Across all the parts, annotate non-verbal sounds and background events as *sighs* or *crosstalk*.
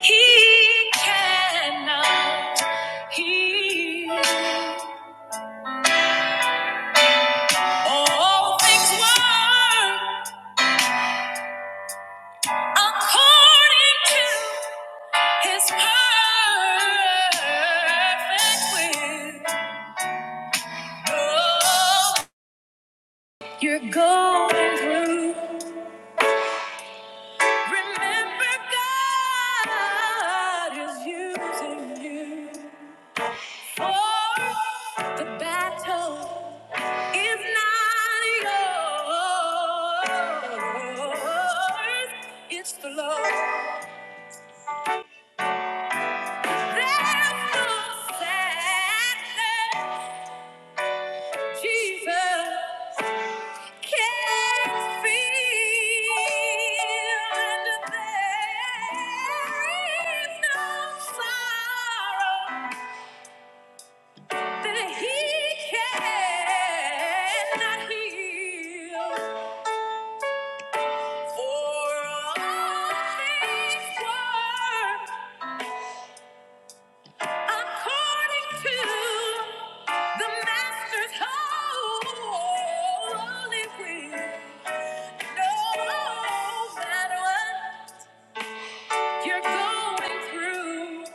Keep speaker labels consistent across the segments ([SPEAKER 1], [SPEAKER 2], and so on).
[SPEAKER 1] He cannot heal. All things work according to His perfect will. Oh, You're going through. Remember, God is using you. For the battle is not yours, it's the Lord. There's no sadness Jesus can't feel. There's no sorrow that he cannot heal. For all things work according to the Master's holy will. No matter what you're going through.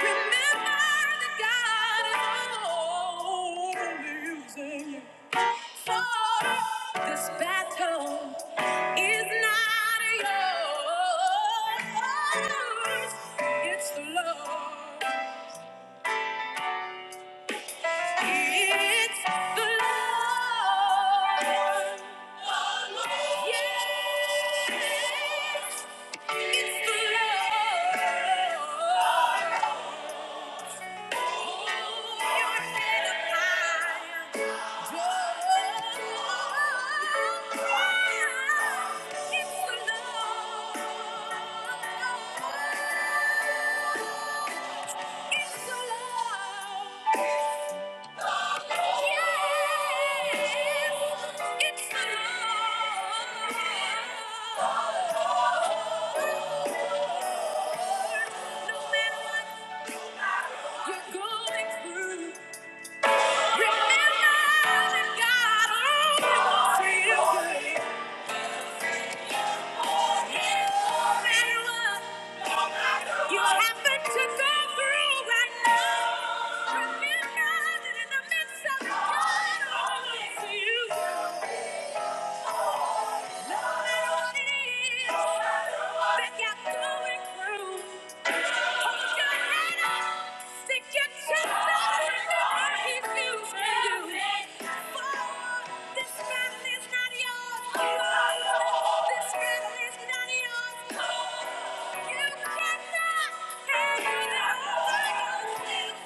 [SPEAKER 1] Remember that God is always using you. For this battle is not yours. It's the Lord. It's the Lord. Yes. It's the Lord. You're going through. Remember that God the in midst of it, God always feels you. You cannot handle it.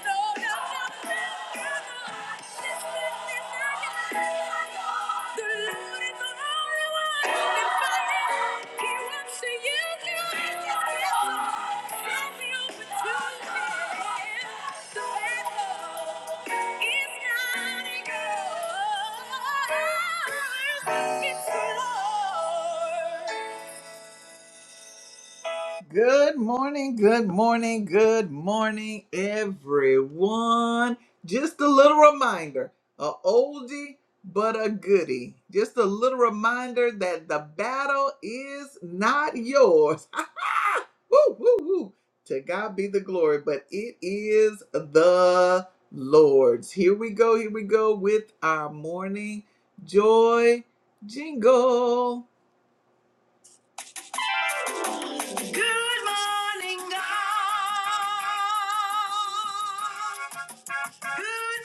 [SPEAKER 1] No, no, no, no. Good morning, good morning, good morning, everyone. Just a little reminder, a oldie but a goodie. Just a little reminder that the battle is not yours. *laughs* woo, woo, woo. To God be the glory, but it is the Lord's. Here we go, here we go with our morning joy jingle. Good morning, God. Good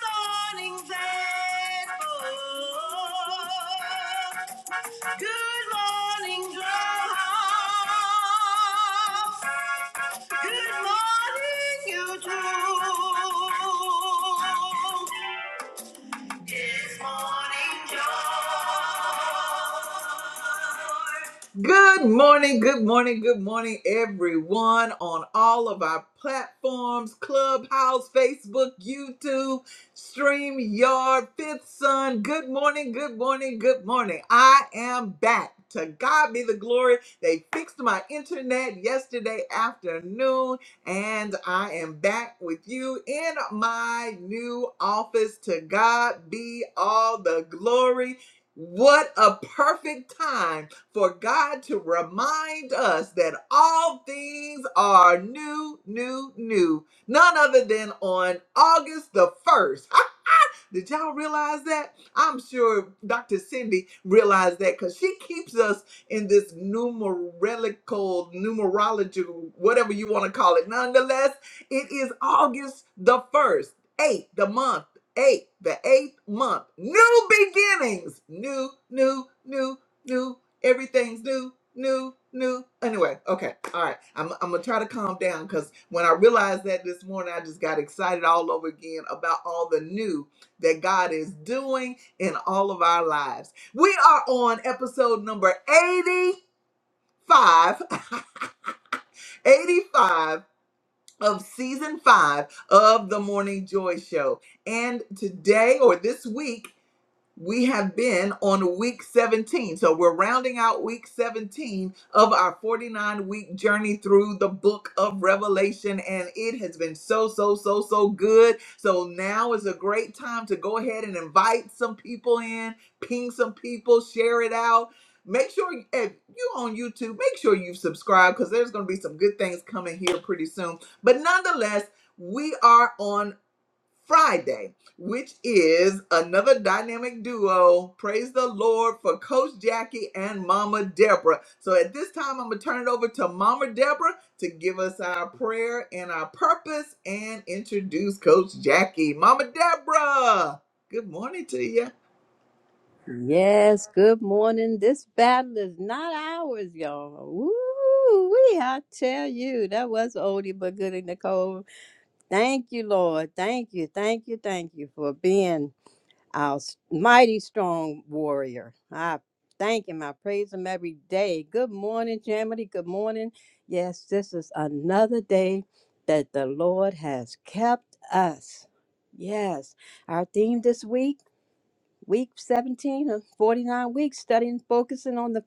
[SPEAKER 1] morning, Facebook. Good morning, Clubhouse. Good morning, YouTube. Good morning, good morning, good morning, everyone on all of our platforms Clubhouse, Facebook, YouTube, StreamYard, Fifth Sun. Good morning, good morning, good morning. I am back. To God be the glory. They fixed my internet yesterday afternoon. And I am back with you in my new office. To God be all the glory. What a perfect time for God to remind us that all things are new, new, new. None other than on August the 1st. Did y'all realize that? I'm sure Dr. Cindy realized that because she keeps us in this numerical, numerology, whatever you want to call it. Nonetheless, it is August the 1st, eight, the month, eight, the eighth month. New beginnings. New, new, new, new. Everything's new, new, new. Anyway, okay, all right. I'm, I'm going to try to calm down because when I realized that this morning, I just got excited all over again about all the new that God is doing in all of our lives. We are on episode number 85, *laughs* 85 of season 5 of the Morning Joy show. And today or this week we have been on week 17. So we're rounding out week 17 of our 49 week journey through the book of Revelation. And it has been so, so, so, so good. So now is a great time to go ahead and invite some people in, ping some people, share it out. Make sure if you on YouTube, make sure you have subscribed because there's going to be some good things coming here pretty soon. But nonetheless, we are on. Friday, which is another dynamic duo. Praise the Lord for Coach Jackie and Mama Deborah. So at this time, I'm going to turn it over to Mama Deborah to give us our prayer and our purpose and introduce Coach Jackie. Mama Deborah, good morning to you.
[SPEAKER 2] Yes, good morning. This battle is not ours, y'all. Woo! We I tell you, that was oldie but goodie, Nicole. Thank you, Lord. Thank you, thank you, thank you for being our s- mighty strong warrior. I thank him. I praise him every day. Good morning, Jamity. Good morning. Yes, this is another day that the Lord has kept us. Yes, our theme this week week 17 of 49 weeks studying focusing on the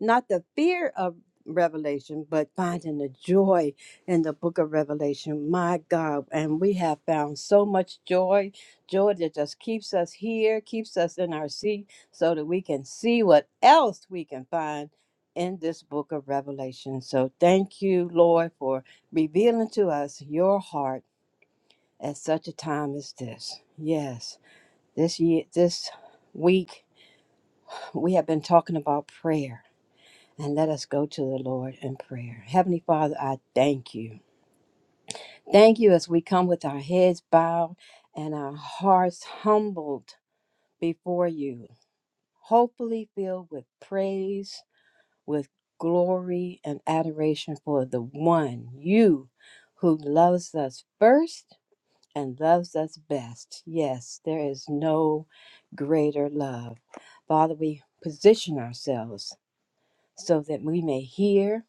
[SPEAKER 2] not the fear of revelation but finding the joy in the book of revelation my god and we have found so much joy joy that just keeps us here keeps us in our seat so that we can see what else we can find in this book of revelation so thank you lord for revealing to us your heart at such a time as this yes this year this week we have been talking about prayer. And let us go to the Lord in prayer. Heavenly Father, I thank you. Thank you as we come with our heads bowed and our hearts humbled before you, hopefully filled with praise, with glory, and adoration for the one, you, who loves us first and loves us best. Yes, there is no greater love. Father, we position ourselves so that we may hear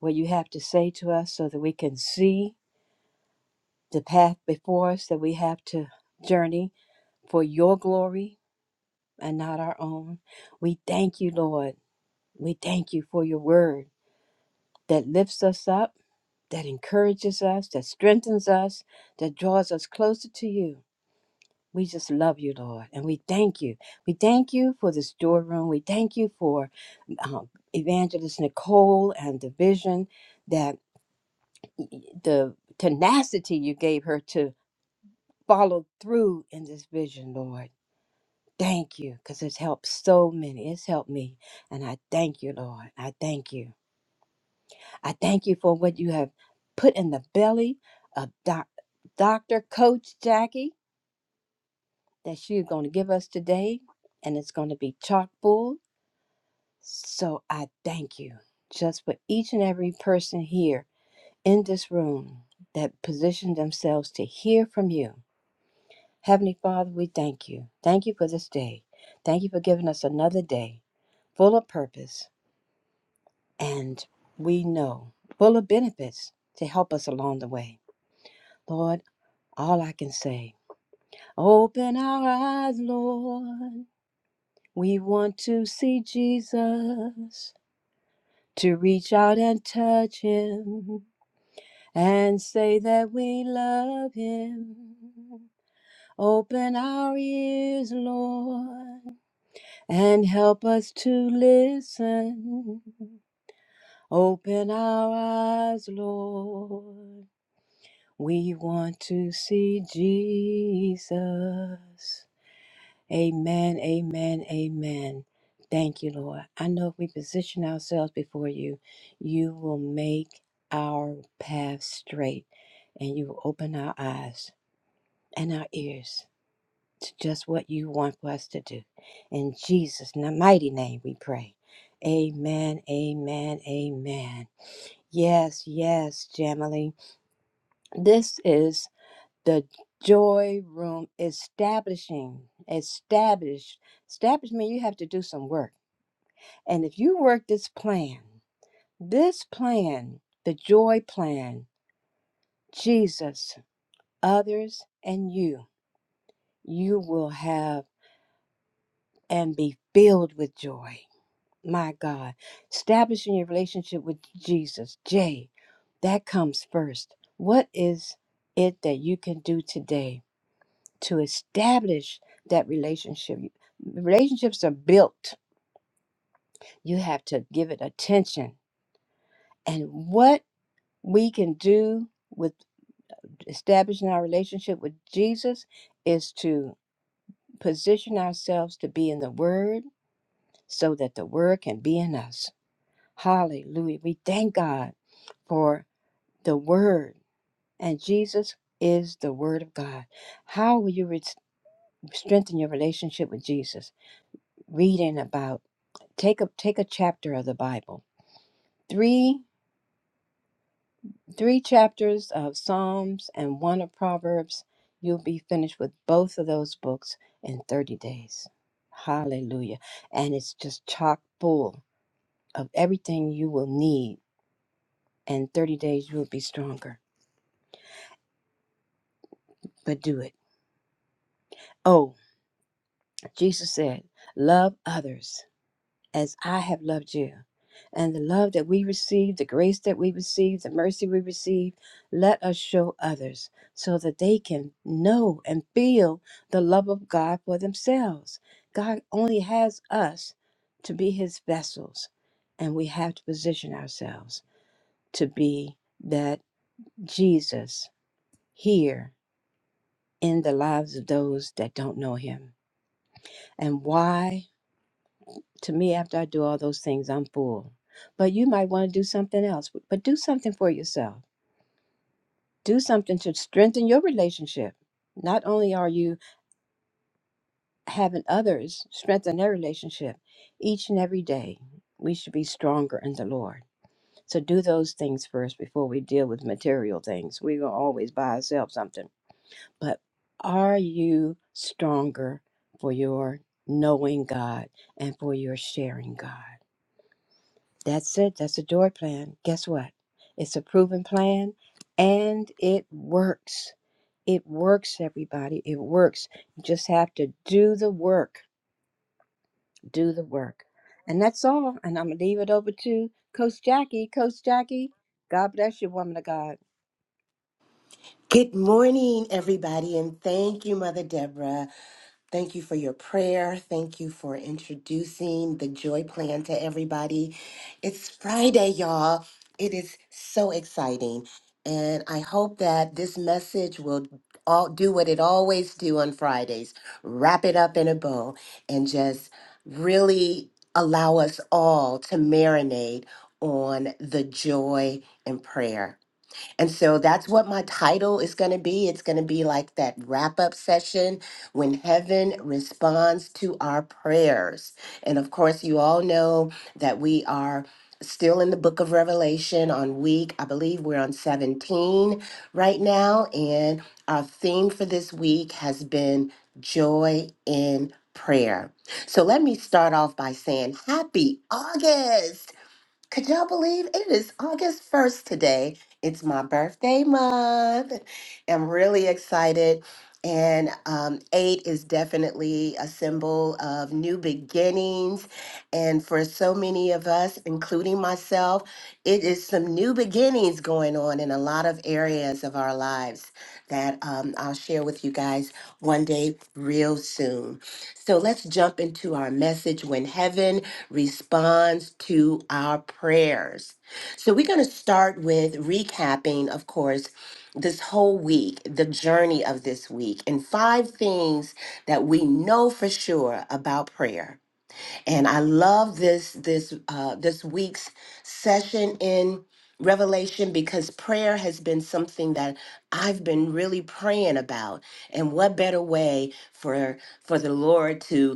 [SPEAKER 2] what you have to say to us, so that we can see the path before us that we have to journey for your glory and not our own. We thank you, Lord. We thank you for your word that lifts us up, that encourages us, that strengthens us, that draws us closer to you. We just love you, Lord, and we thank you. We thank you for this door room. We thank you for um, Evangelist Nicole and the vision that. the tenacity you gave her to follow through in this vision, Lord. Thank you, because it's helped so many. It's helped me. And I thank you, Lord. I thank you. I thank you for what you have put in the belly of doc- Dr. Coach Jackie that she's going to give us today. And it's going to be chock full. So I thank you just for each and every person here in this room that positioned themselves to hear from you Heavenly Father, we thank you. Thank you for this day. Thank you for giving us another day full of purpose and we know full of benefits to help us along the way. Lord, all I can say, open our eyes, Lord. We want to see Jesus, to reach out and touch him and say that we love him. Open our ears, Lord. and help us to listen. Open our eyes, Lord. We want to see Jesus. Amen, amen, amen. Thank you, Lord. I know if we position ourselves before you, you will make our path straight and you will open our eyes and our ears to just what you want for us to do. In Jesus' n- mighty name we pray. Amen, amen, amen. Yes, yes, Jamily. This is the joy room establishing. Established. Establishment, you have to do some work. And if you work this plan, this plan, the joy plan, Jesus, others, and you, you will have and be filled with joy My God, establishing your relationship with Jesus. Jay, that comes first. What is it that you can do today to establish that relationship? Relationships are built, you have to give it attention. And what we can do with establishing our relationship with Jesus is to position ourselves to be in the Word so that the Word can be in us. Hallelujah. We thank God for. the Word, and Jesus is the Word of God. How will you re- strengthen your relationship with Jesus? Reading about take a take a chapter of the Bible, three three chapters of Psalms and one of Proverbs. You'll be finished with both of those books in thirty days. Hallelujah! And it's just chock full of everything you will need. And thirty days you'll be stronger. But do it. Oh, Jesus said, love others as I have loved you. And the love that we receive, the grace that we receive, the mercy we receive, let us show others so that they can know and feel the love of God for themselves. God only has us to be his vessels, and we have to position ourselves to be that Jesus here in the lives of those that don't know him. And why? to me after I do all those things, I'm full. But you might want to do something else, but do something for yourself. Do something to strengthen your relationship. Not only are you having others strengthen their relationship each and every day, we should be stronger in the Lord. So do those things first before we deal with material things. We will always buy ourselves something. But are you stronger for your knowing God and for your sharing God? That's it. That's a joy plan. Guess what? It's a proven plan and it works. It works, everybody. It works. You just have to do the work. Do the work. And that's all. And I'm going to leave it over to Coach Jackie. Coach Jackie, God bless you, woman of God.
[SPEAKER 3] Good morning, everybody, and thank you, Mother Deborah. Thank you for your prayer. Thank you for introducing the joy plan to everybody. It's Friday, y'all. It is so exciting. And I hope that this message will all do what it always do on Fridays, wrap it up in a bow and just really allow us all to marinate on the joy and prayer. And so that's what my title is going to be. It's going to be like that wrap up session when heaven responds to our prayers. And of course, you all know that we are still in the book of Revelation on week, I believe we're on 17 right now. And our theme for this week has been joy in prayer. So let me start off by saying happy August. Could y'all believe it is August 1st today? It's my birthday month. I'm really excited. And um, eight is definitely a symbol of new beginnings. And for so many of us, including myself, it is some new beginnings going on in a lot of areas of our lives that um, I'll share with you guys one day, real soon. So let's jump into our message when heaven responds to our prayers. So, we're going to start with recapping, of course, this whole week, the journey of this week, and five things that we know for sure about prayer. And I love this this uh, this week's session in Revelation because prayer has been something that I've been really praying about. And what better way for for the Lord to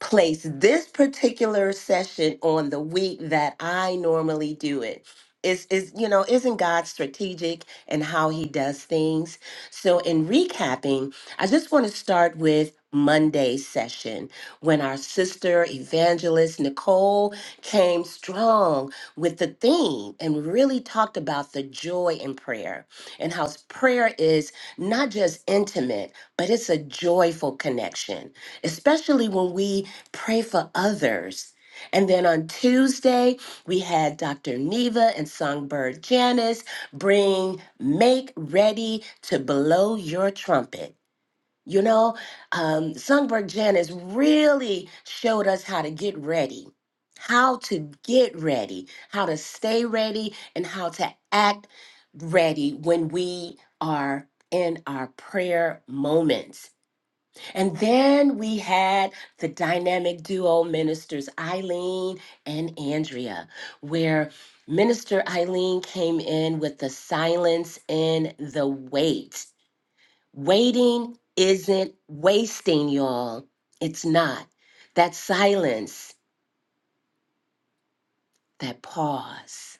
[SPEAKER 3] place this particular session on the week that I normally do it. Is is you know, isn't God strategic and how he does things? So in recapping, I just want to start with Monday's session when our sister evangelist Nicole came strong with the theme and really talked about the joy in prayer and how prayer is not just intimate, but it's a joyful connection especially when we pray for others. And then on Tuesday, we had Dr. Neva and Songbird Janice bring Make Ready to Blow Your Trumpet. You know, um, Songbird Janice really showed us how to get ready, how to get ready, how to stay ready, and how to act ready when we are in our prayer moments. And then we had the dynamic duo ministers, Eileen and Andrea, where Minister Eileen came in with the silence and the wait. Waiting isn't wasting, y'all. It's not. That silence, that pause.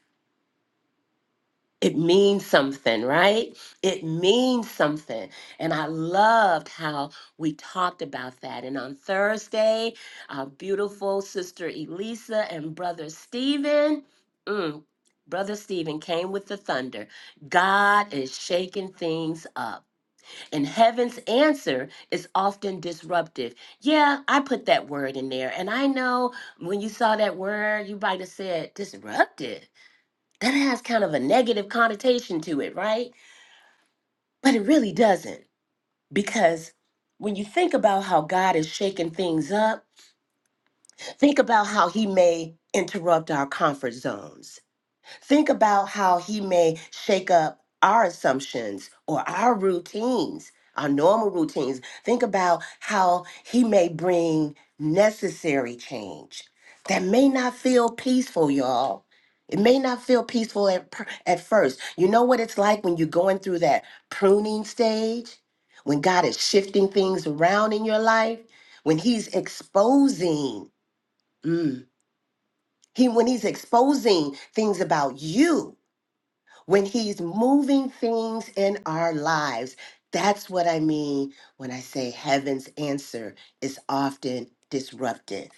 [SPEAKER 3] it means something, right? It means something. And I loved how we talked about that. And on Thursday, our beautiful sister Elisa and brother Stephen, mm, brother Stephen came with the thunder. God is shaking things up. And heaven's answer is often disruptive. Yeah, I put that word in there. And I know when you saw that word, you might have said disruptive that has kind of a negative connotation to it, right? But it really doesn't. Because when you think about how God is shaking things up, think about how He may interrupt our comfort zones Think about how he may shake up our assumptions or our routines, our normal routines. Think about how he may bring necessary change that may not feel peaceful, y'all. It may not feel peaceful at, per- at first. You know what it's like when you're going through that pruning stage, when God is shifting things around in your life, when He's exposing, mm, He when He's exposing things about you when he's moving things in our lives. That's what I mean when I say heaven's answer is often disrupted.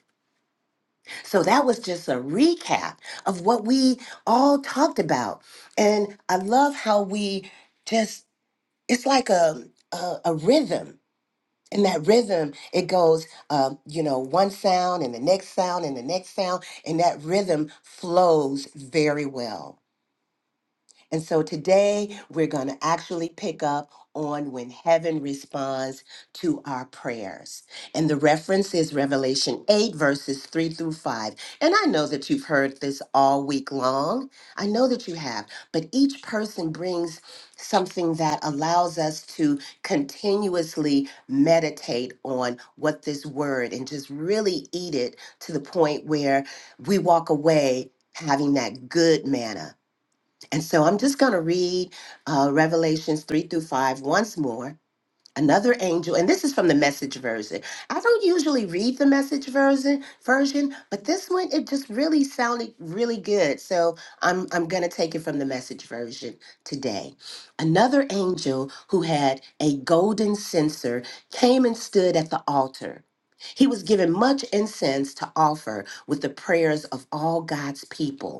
[SPEAKER 3] So that was just a recap of what we all talked about. And I love how we just, it's like a, a, a rhythm. And that rhythm, it goes, um, you know, one sound and the next sound and the next sound, and that rhythm flows very well. And so today we're going to actually pick up on when heaven responds to our prayers. And the reference is Revelation 8, verses 3 through 5. And I know that you've heard this all week long. I know that you have, but each person brings something that allows us to continuously meditate on what this word and just really eat it to the point where we walk away having that good manna and so I'm just going to read uh, Revelations 3 through 5 once more. Another angel, and this is from the message version. I don't usually read the message version version, but this one it just really sounded really good. So I'm I'm gonna take it from the message version today. Another angel who had a golden censer came and stood at the altar. He was given much incense to offer with the prayers of all God's people.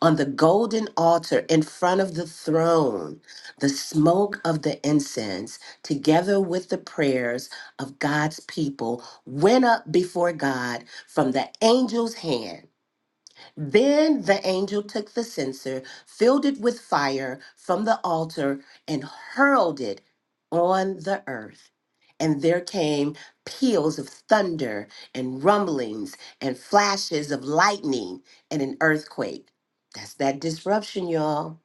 [SPEAKER 3] On the golden altar in front of the throne, the smoke of the incense, together with the prayers of God's people, went up before God from the angel's hand then the angel took the censer, filled it with fire from the altar, and hurled it on the earth. And there came peals of thunder, and rumblings, and flashes of lightning, and an earthquake. That's that disruption, y'all.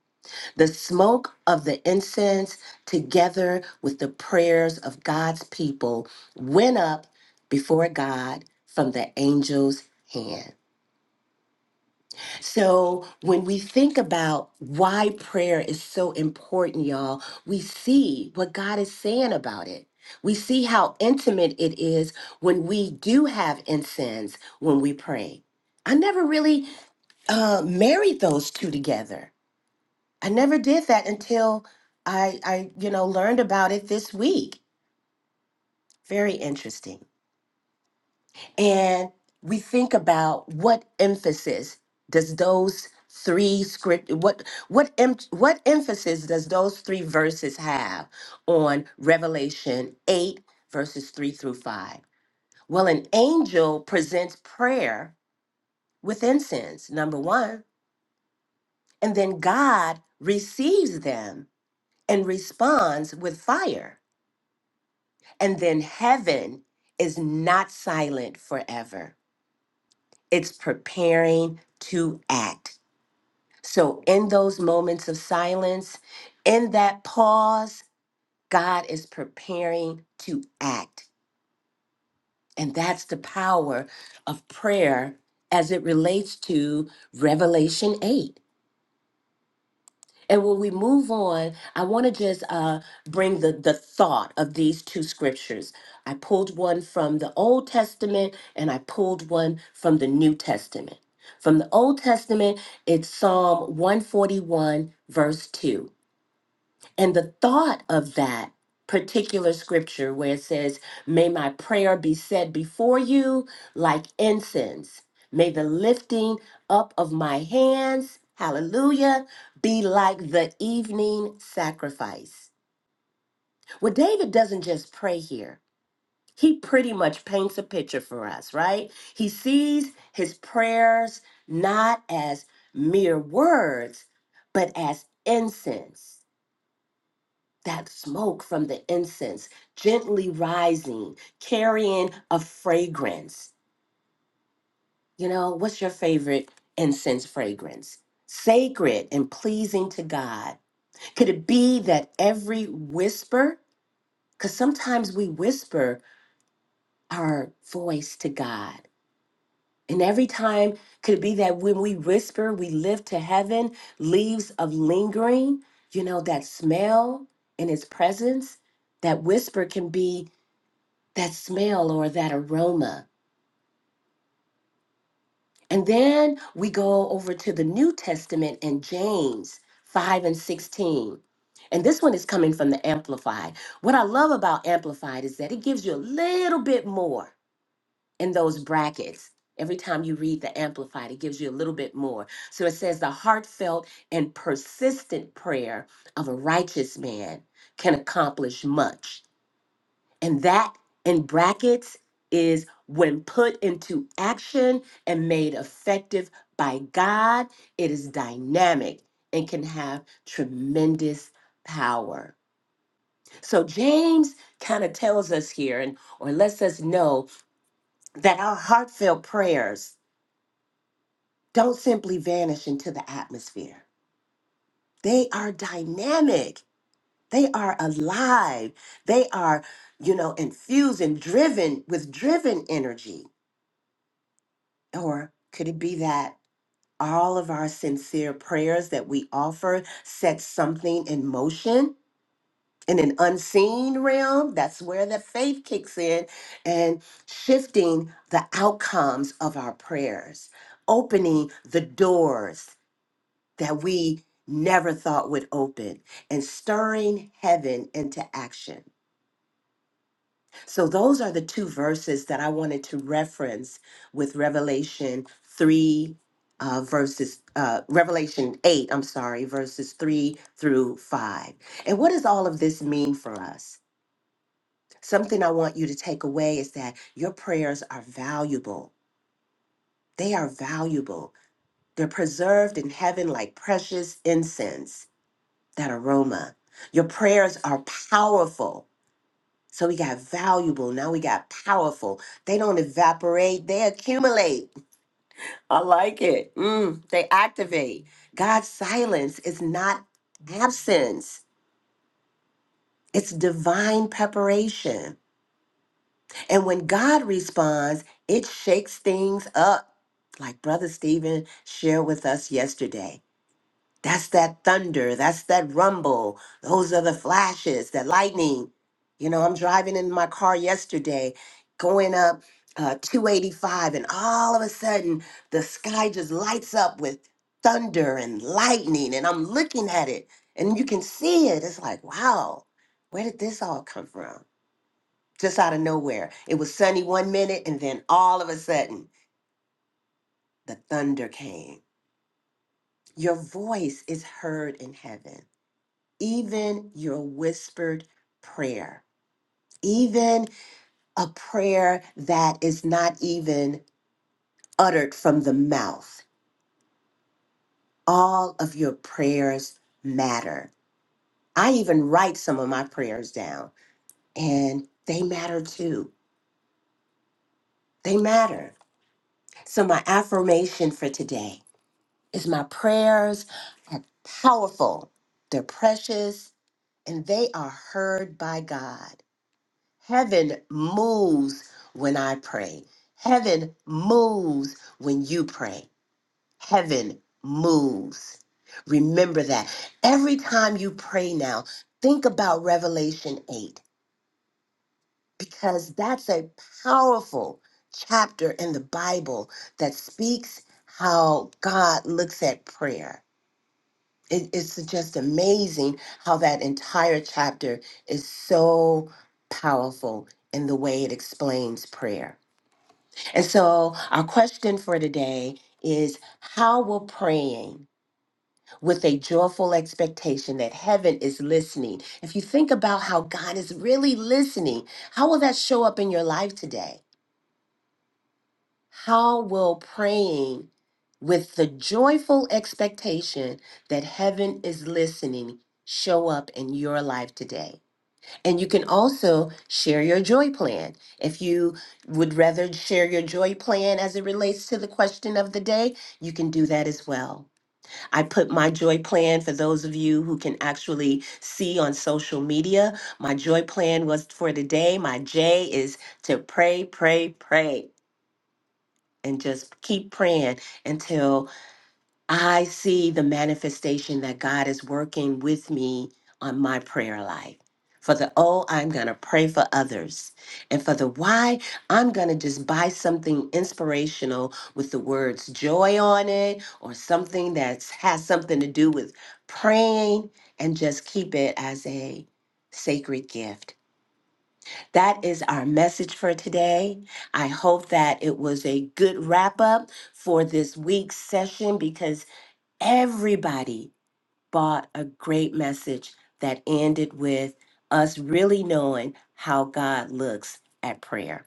[SPEAKER 3] The smoke of the incense, together with the prayers of God's people, went up before God from the angel's hand. So, when we think about why prayer is so important, y'all, we see what God is saying about it. We see how intimate it is when we do have incense when we pray. I never really uh, married those two together. I never did that until I, I, you know, learned about it this week. Very interesting. and we think about what emphasis does those three script what what em, what emphasis does those three verses have on revelation 8 verses 3 through 5 well an angel presents prayer with incense number 1 and then god receives them and responds with fire and then heaven is not silent forever it's preparing to act So, in those moments of silence, in that pause, God is preparing to act. And that's the power of prayer as it relates to Revelation 8. And when we move on, I want to just uh, bring the, the thought of these two scriptures. I pulled one from the Old Testament and I pulled one from the New Testament. From the Old Testament, it's Psalm 141, verse 2. And the thought of that particular scripture, where it says, May my prayer be said before you like incense, may the lifting up of my hands, hallelujah, be like the evening sacrifice. Well, David doesn't just pray here. He pretty much paints a picture for us, right? He sees his prayers not as mere words, but as incense that smoke from the incense gently rising, carrying a fragrance. You know, what's your favorite incense fragrance? Sacred and pleasing to God. Could it be that every whisper, because sometimes we whisper our voice to God. And every time, could it be that when we whisper, we lift to heaven leaves of lingering, you know, that smell in His presence? That whisper can be that smell or that aroma. And then we go over to the New Testament and James 5 and 16. And this one is coming from the Amplified. What I love about Amplified is that it gives you a little bit more in those brackets. Every time you read the Amplified, it gives you a little bit more. So it says, the heartfelt and persistent prayer of a righteous man can accomplish much And that in brackets is when put into action and made effective by God, it is dynamic and can have tremendous power. So James kind of tells us here and or lets us know that our heartfelt prayers don't simply vanish into the atmosphere. They are dynamic. They are alive. They are, you know, infused and driven with driven energy Or could it be that all of our sincere prayers that we offer set something in motion in an unseen realm? That's where the faith kicks in and shifting the outcomes of our prayers, opening the doors that we never thought would open, and stirring heaven into action. So, those are the two verses that I wanted to reference with Revelation 3, uh, verses, uh, Revelation 8, I'm sorry, verses 3 through 5. And what does all of this mean for us? Something I want you to take away is that your prayers are valuable. They are valuable. They're preserved in heaven like precious incense, that aroma. Your prayers are powerful So we got valuable, now we got powerful. They don't evaporate, they accumulate. I like it. Mm, they activate. God's silence is not absence, it's divine preparation. And when God responds, it shakes things up, like Brother Stephen shared with us yesterday. That's that thunder. That's that rumble. Those are the flashes, that lightning. You know, I'm driving in my car yesterday, going up uh, 285, and all of a sudden the sky just lights up with thunder and lightning, and I'm looking at it, and you can see it. It's like, wow, where did this all come from? Just out of nowhere. It was sunny one minute, and then all of a sudden the thunder came. Your voice is heard in heaven. even your whispered prayer, even a prayer that is not even uttered from the mouth. All of your prayers matter. I even write some of my prayers down, and they matter too. They matter. So, my affirmation for today is my prayers are powerful, they're precious, and they are heard by God. Heaven moves when I pray. Heaven moves when you pray. Heaven moves. Remember that. Every time you pray now, think about Revelation 8 because that's a powerful chapter in the Bible that speaks how God looks at prayer. It- it's just amazing how that entire chapter is so powerful in the way it explains prayer. And so, our question for today is how will praying with a joyful expectation that heaven is listening, if you think about how God is really listening, how will that show up in your life today? How will praying with the joyful expectation that heaven is listening show up in your life today? And you can also share your joy plan. If you would rather share your joy plan as it relates to the question of the day, you can do that as well. I put my joy plan for those of you who can actually see on social media. My joy plan was for today. My J is to pray, pray, pray, and just keep praying until I see the manifestation that God is working with me on my prayer life. For the oh, I'm going to pray for others. And for the why, I'm going to just buy something inspirational with the words joy on it or something that has something to do with praying and just keep it as a sacred gift. That is our message for today. I hope that it was a good wrap up for this week's session because everybody bought a great message that ended with us really knowing how God looks at prayer.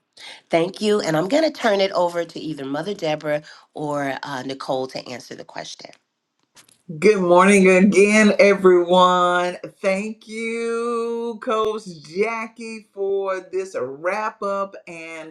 [SPEAKER 3] Thank you. And I'm going to turn it over to either Mother Deborah or uh, Nicole to answer the question.
[SPEAKER 1] Good morning again, everyone. Thank you, Coach Jackie, for this wrap up. and.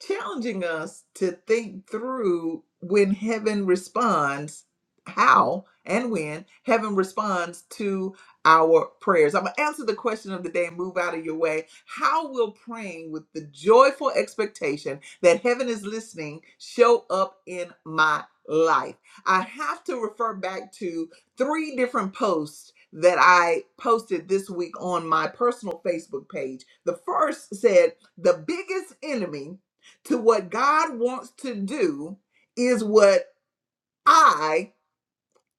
[SPEAKER 1] challenging us to think through when heaven responds, how and when heaven responds to our prayers. I'm going to answer the question of the day move out of your way. How will praying with the joyful expectation that heaven is listening show up in my life? I have to refer back to three different posts that I posted this week on my personal Facebook page. The first said, The biggest enemy to what God wants to do is what I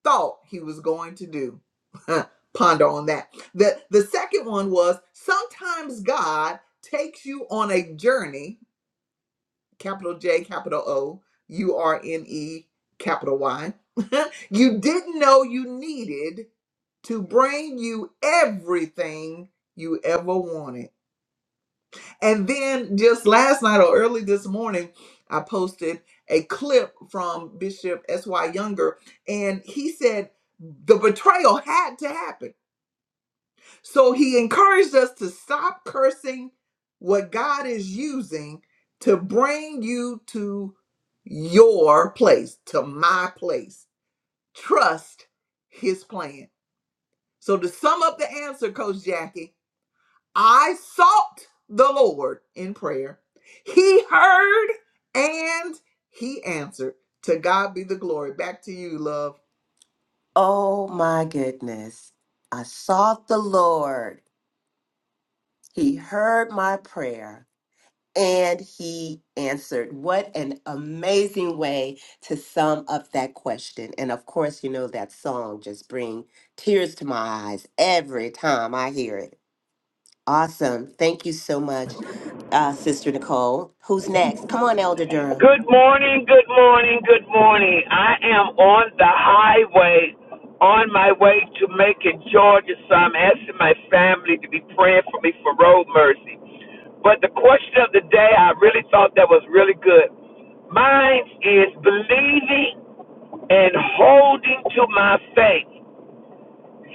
[SPEAKER 1] thought he was going to do. *laughs* Ponder on that. The the second one was sometimes God takes you on a journey, capital J, capital O, U R N E, capital Y. *laughs* you didn't know you needed to bring you everything you ever wanted. And then just last night or early this morning, I posted a clip from Bishop S.Y. Younger, and he said the betrayal had to happen. So he encouraged us to stop cursing what God is using to bring you to your place, to my place. Trust his plan. So to sum up the answer, Coach Jackie, I sought the Lord in prayer. He heard and he answered. To God be the glory. Back to you, love.
[SPEAKER 3] Oh my goodness. I sought the Lord, He heard my prayer. And he answered. What an amazing way to sum up that question. And of course, you know that song just brings tears to my eyes every time I hear it. Awesome. Thank you so much, uh, Sister Nicole. Who's next? Come on, Elder Durham.
[SPEAKER 4] Good morning, good morning, good morning. I am on the highway on my way to Macon, Georgia, so I'm asking my family to be praying for me for road mercy. But the question of the day, I really thought that was really good. Mine is believing and holding to my faith.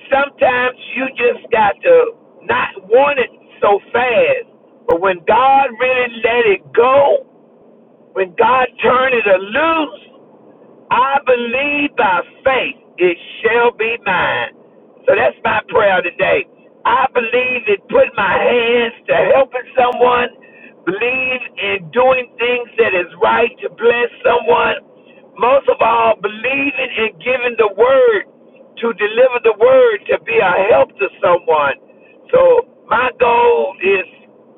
[SPEAKER 4] Sometimes you just got to not want it so fast, but when God really let it go, when God turned it loose, I believe by faith it shall be mine. So that's my prayer today. I believe in putting my hands to helping someone, believe in doing things that is right to bless someone. Most of all, believing in giving the word to deliver the word to be a help to someone. So my goal is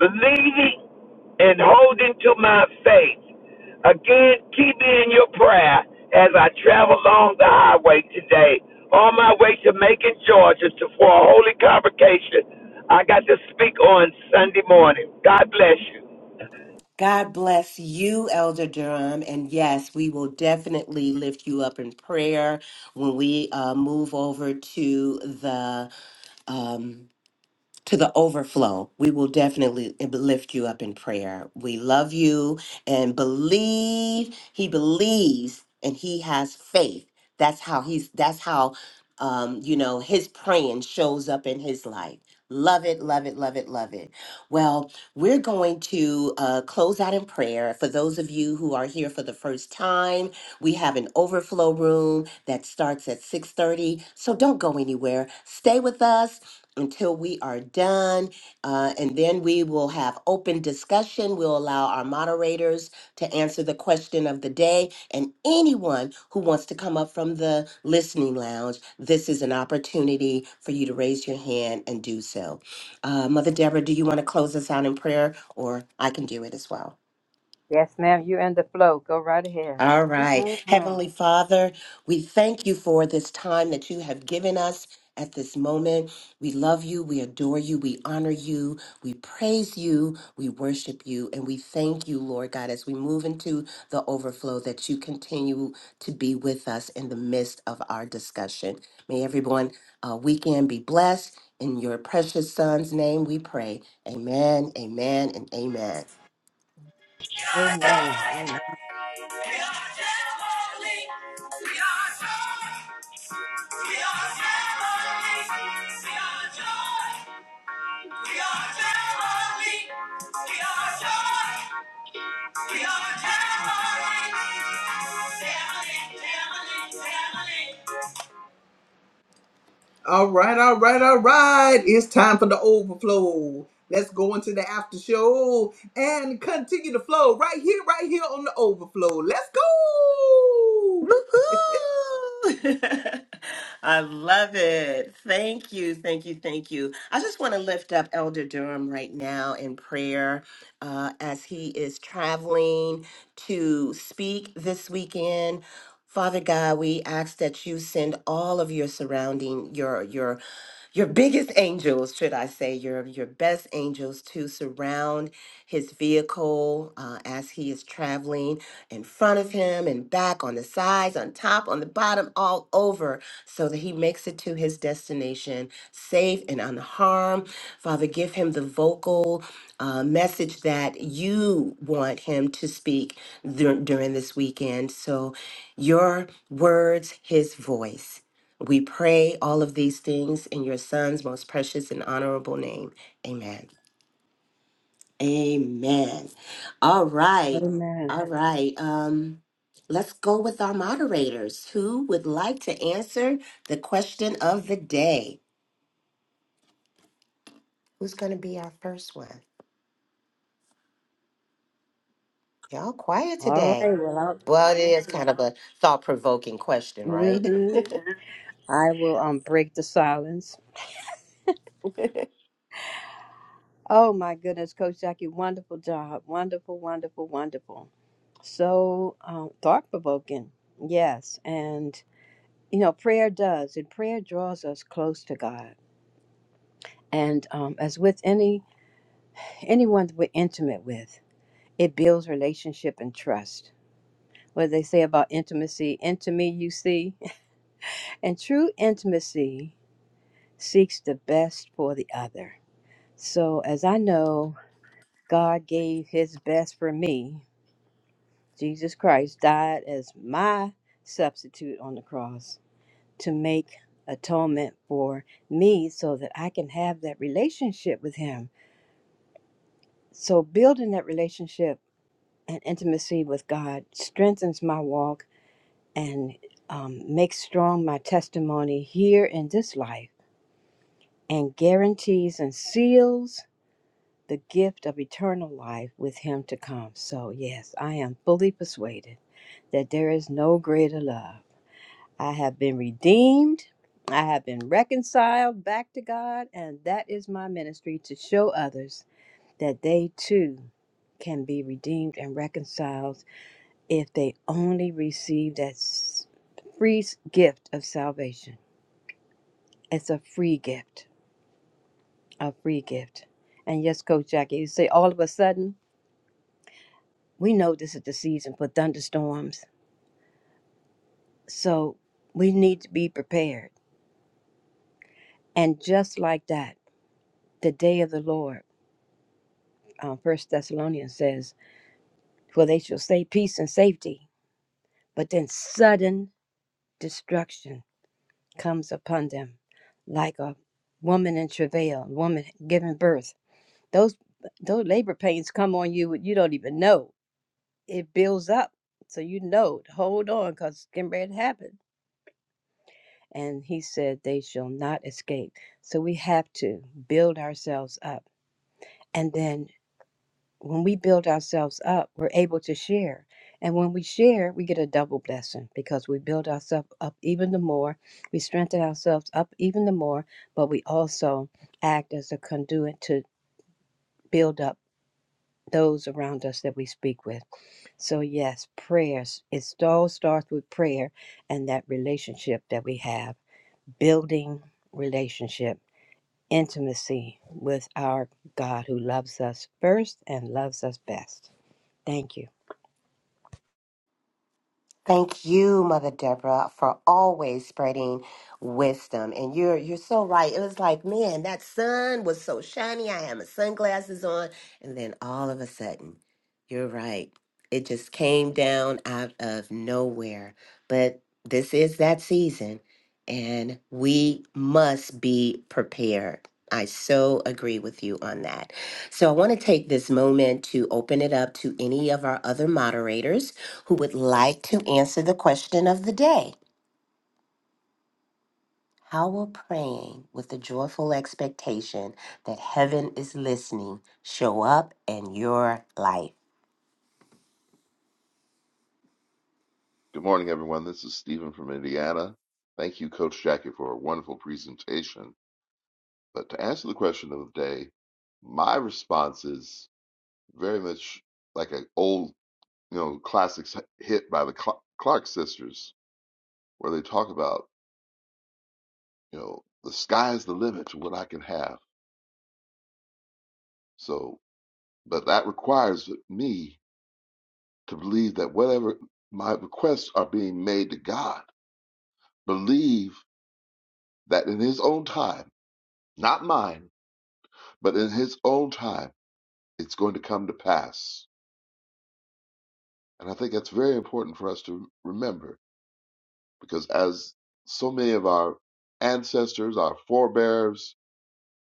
[SPEAKER 4] believing and holding to my faith. Again, keep me in your prayer as I travel along the highway today on my way to Macon, Georgia to, for a holy convocation I got to speak on Sunday morning. God bless you.
[SPEAKER 3] God bless you, Elder Durham. And yes, we will definitely lift you up in prayer when we uh, move over to the. Um, to the overflow. We will definitely lift you up in prayer. We love you and believe he believes and he has faith. That's how he's that's how um you know his praying shows up in his life. Love it, love it, love it, love it. Well, we're going to uh, close out in prayer. For those of you who are here for the first time, we have an overflow room that starts at 6:30. So don't go anywhere. Stay with us until we are done. uh, and then we will have open discussion. We'll allow our moderators to answer the question of the day. And anyone who wants to come up from the listening lounge, this is an opportunity for you to raise your hand and do so. Uh, Mother Deborah, do you want to close us out in prayer, or I can do it as well?
[SPEAKER 2] Yes, ma'am. You're in the flow. Go right ahead.
[SPEAKER 3] All right.
[SPEAKER 2] Mm-mm-mm.
[SPEAKER 3] Heavenly Father, we thank you for this time that you have given us at this moment. We love you. We adore you. We honor you. We praise you. We worship you. And we thank you, Lord God, as we move into the overflow that you continue to be with us in the midst of our discussion. May everyone uh, weekend be blessed. In your precious son's name we pray. Amen, amen, and amen.
[SPEAKER 1] We are joy.
[SPEAKER 2] Amen. Amen.
[SPEAKER 1] We are heavenly. We are joy. We are heavenly. We are joy. We are heavenly. We are joy. We are heavenly. Heavenly, heavenly, heavenly. All right, all right, all right. It's time for the overflow. Let's go into the after show and continue the flow right here, right here on the overflow. Let's go.
[SPEAKER 3] Woohoo! *laughs* I love it. Thank you, thank you, thank you. I just want to lift up Elder Durham right now in prayer uh, as he is traveling to speak this weekend. Father God, we ask that you send all of your surrounding, your your your biggest angels, should I say, your your best angels to surround his vehicle uh, as he is traveling in front of him and back on the sides, on top, on the bottom, all over, so that he makes it to his destination safe and unharmed. Father, give him the vocal uh, message that you want him to speak dur- during this weekend. So, your words, his voice. We pray all of these things in your son's most precious and honorable name. Amen. Amen. All right.
[SPEAKER 2] Amen.
[SPEAKER 3] All right. Um let's go with our moderators who would like to answer the question of the day. Who's going to be our first one? Y'all quiet
[SPEAKER 2] All right.
[SPEAKER 3] today.
[SPEAKER 2] Well, I'll,
[SPEAKER 3] Well, it is kind of a thought-provoking question, right? *laughs*
[SPEAKER 2] hmm I will um break the silence. Oh my goodness, Coach Jackie, wonderful job. Wonderful, wonderful, wonderful. So um, thought provoking. Yes. And, you know, prayer does, and prayer draws us close to God. And um, as with any anyone that we're intimate with, it builds relationship and trust. What they say about intimacy, into me you see. *laughs* And true intimacy seeks the best for the other. So as I know, God gave his best for me Jesus Christ died as my substitute on the cross to make atonement for me so that I can have that relationship with Him. So, building that relationship and intimacy with God strengthens my walk and um, makes strong my testimony here in this life and guarantees and seals the gift of eternal life with Him to come. So, yes, I am fully persuaded that there is no greater love I have been redeemed. I have been reconciled back to God. And that is my ministry to show others that they too can be redeemed and reconciled if they only receive that s- free s- gift of salvation. It's a free gift, a free gift. And yes, Coach Jackie, you say all of a sudden, we know this is the season for thunderstorms. So we need to be prepared. And just like that, the day of the Lord. uh, First Thessalonians says, "For they shall say peace and safety, but then sudden destruction comes upon them, like a woman in travail, woman giving birth. Those those labor pains come on you, and you don't even know. It builds up, so you know. Hold on, cause it's getting ready to happen." And he said, "They shall not escape." So we have to build ourselves up, and then when we build ourselves up, we're able to share. And when we share, we get a double blessing because we build ourselves up even the more. We strengthen ourselves up even the more, but we also act as a conduit to build up those around us that we speak with. So, yes, prayers, it all starts with prayer and that relationship that we have, building relationship, intimacy with our God who loves us first and loves us best. Thank you.
[SPEAKER 3] Thank you, Mother Deborah, for always spreading wisdom. And you're you're so right. It was like, man, that sun was so shiny. I had my sunglasses on, and then all of a sudden, you're right. It just came down out of nowhere. But this is that season, and we must be prepared. I so agree with you on that. So I want to take this moment to open it up to any of our other moderators who would like to answer the question of the day. How will praying with the joyful expectation that heaven is listening show up in your life?
[SPEAKER 5] Good morning, everyone. This is Stephen from Indiana. Thank you, Coach Jackie, for a wonderful presentation. But to answer the question of the day, my response is very much like an old, you know, classic hit by the Cl- Clark sisters, where they talk about, you know, the sky is the limit to what I can have. So, but that requires me to believe that whatever my requests are being made to God, believe that in His own time, not mine But in his own time, it's going to come to pass. And I think that's very important for us to remember because as so many of our ancestors, our forebears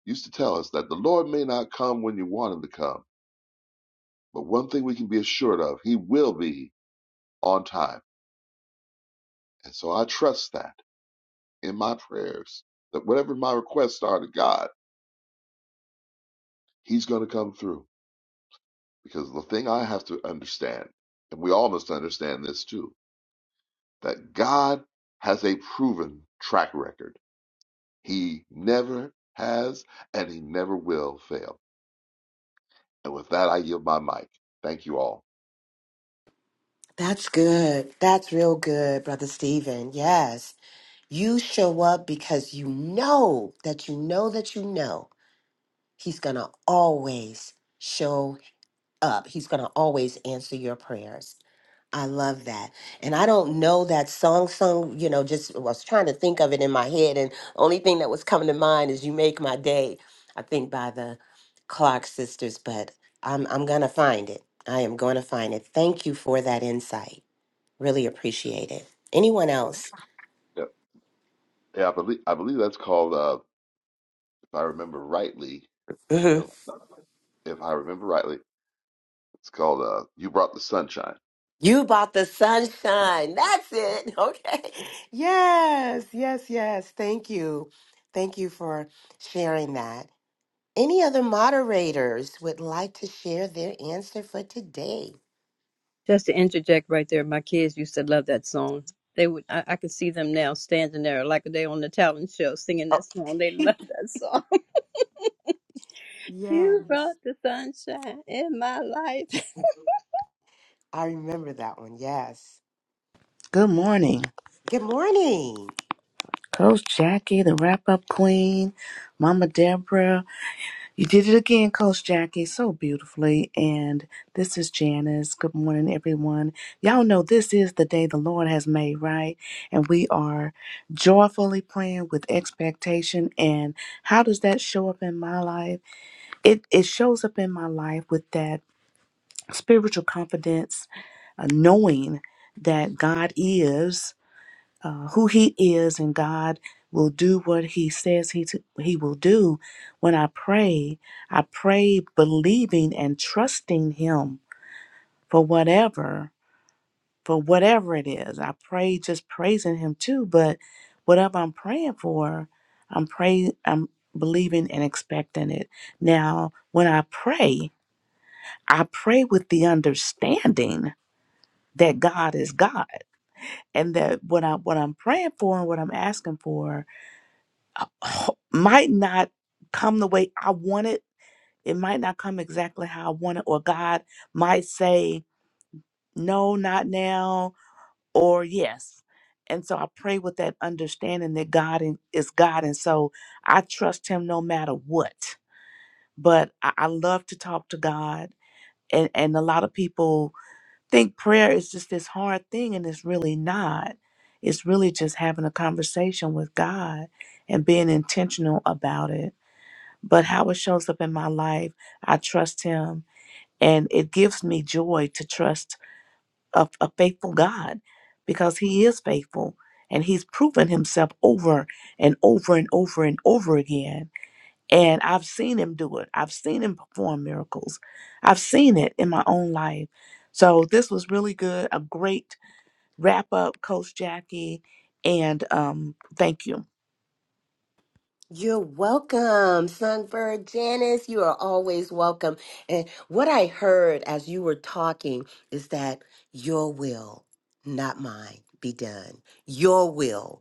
[SPEAKER 5] used to tell us that the Lord may not come when you want him to come, but one thing we can be assured of, he will be on time. And so I trust that in my prayers that whatever my requests are to God, he's going to come through because the thing I have to understand, and we all must understand this too, that God has a proven track record. He never has and he never will fail. And with that, I yield my mic. Thank you all.
[SPEAKER 3] That's good. That's real good, Brother Stephen. Yes. You show up because you know that you know that you know He's going to always show up. He's going to always answer your prayers. I love that. And I don't know that song song, you know, just was trying to think of it in my head and only thing that was coming to mind is You Make My Day, I think by the Clark sisters, but I'm I'm gonna find it. I am gonna find it. Thank you for that insight. Really appreciate it. Anyone
[SPEAKER 5] Yeah,
[SPEAKER 3] else?
[SPEAKER 5] yeah, yeah, I believe I believe that's called, uh, if I remember rightly,
[SPEAKER 3] hmm
[SPEAKER 5] you know, if I remember rightly, it's called uh, "You Brought the Sunshine."
[SPEAKER 3] You bought the sunshine. That's it. *laughs* Okay. Yes, yes, yes. Thank you. Thank you for sharing that. Any other moderators would like to share their answer for today?
[SPEAKER 2] Just to interject right there, my kids used to love that song. They would I, I could see them now standing there like they on the talent show singing
[SPEAKER 3] Oh,
[SPEAKER 2] that song. They love
[SPEAKER 3] *laughs*
[SPEAKER 2] that song. *laughs* You brought
[SPEAKER 3] yes.
[SPEAKER 2] the sunshine in my life.
[SPEAKER 3] I remember that one. Yes.
[SPEAKER 6] Good morning,
[SPEAKER 3] Good morning.
[SPEAKER 6] Coach Jackie, the wrap up queen, Mama Deborah. You did it again, Coach Jackie, so
[SPEAKER 2] *laughs*
[SPEAKER 6] beautifully. And this is Janice. Good morning, everyone. Y'all know this is the day the Lord has made, right? And we are joyfully praying with expectation. And how does that show up in my life? It it shows up in my life with that spiritual confidence, uh, knowing that God is. uh, who he is and God will do what he says he to, he will do when I pray I pray believing and trusting him for whatever for whatever it is I pray just praising him too but whatever I'm praying for I'm pray I'm believing and expecting it now when I pray I pray with the understanding that God is God and that what I what I'm praying for and what I'm asking for ho- might not come the way I want it. It might not come exactly how I want it, or God might say, no, not now, or yes. And so I pray with that understanding that God in- is God. And so I trust Him no matter what. But I, I love to talk to God. And, and a lot of people think prayer is just this hard thing, and it's really not. It's really just having a conversation with God and being intentional about it But how it shows up in my life, I trust Him. And it gives me joy to trust a, a faithful God because He is faithful and He's proven Himself over and over and over and over again. And I've seen Him do it, I've seen Him perform miracles, I've seen it in my own life. So this was really good. A great wrap up, Coach Jackie. And um, thank you.
[SPEAKER 3] You're welcome, Songbird Janice. You are always welcome. And what I heard as you were talking is that your will, not mine, be done. Your will,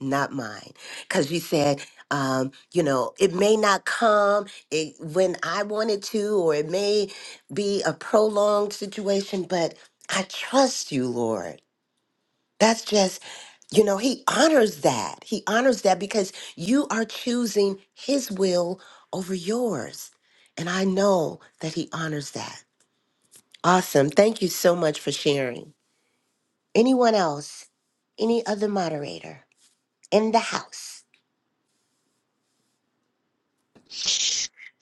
[SPEAKER 3] not mine because you said um, you know it may not come it, when i wanted to or it may be a prolonged situation but i trust you lord that's just you know he honors that he honors that because you are choosing his will over yours and i know that he honors that awesome thank you so much for sharing anyone else any other moderator in the house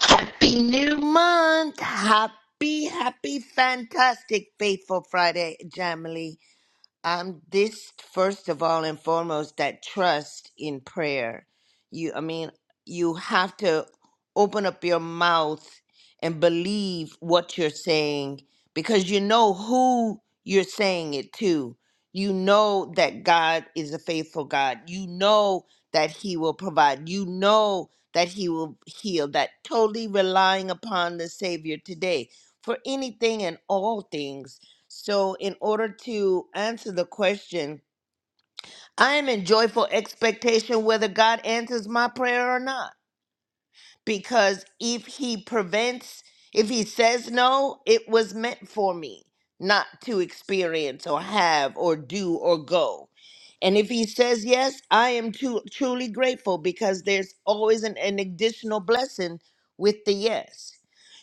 [SPEAKER 7] Happy new month. Happy, happy, fantastic, faithful Friday, Jamily um this first of all and foremost that trust in prayer you i mean you have to open up your mouth and believe what you're saying because you know who you're saying it to you know that god is a faithful god you know that he will provide you know that he will heal that totally relying upon the savior today for anything and all things so, in order to answer the question, I am in joyful expectation whether God answers my prayer or not because if he prevents, if he says no, it was meant for me not to experience or have or do or go. And if he says yes, I am too, truly grateful because there's always an, an additional blessing with the yes.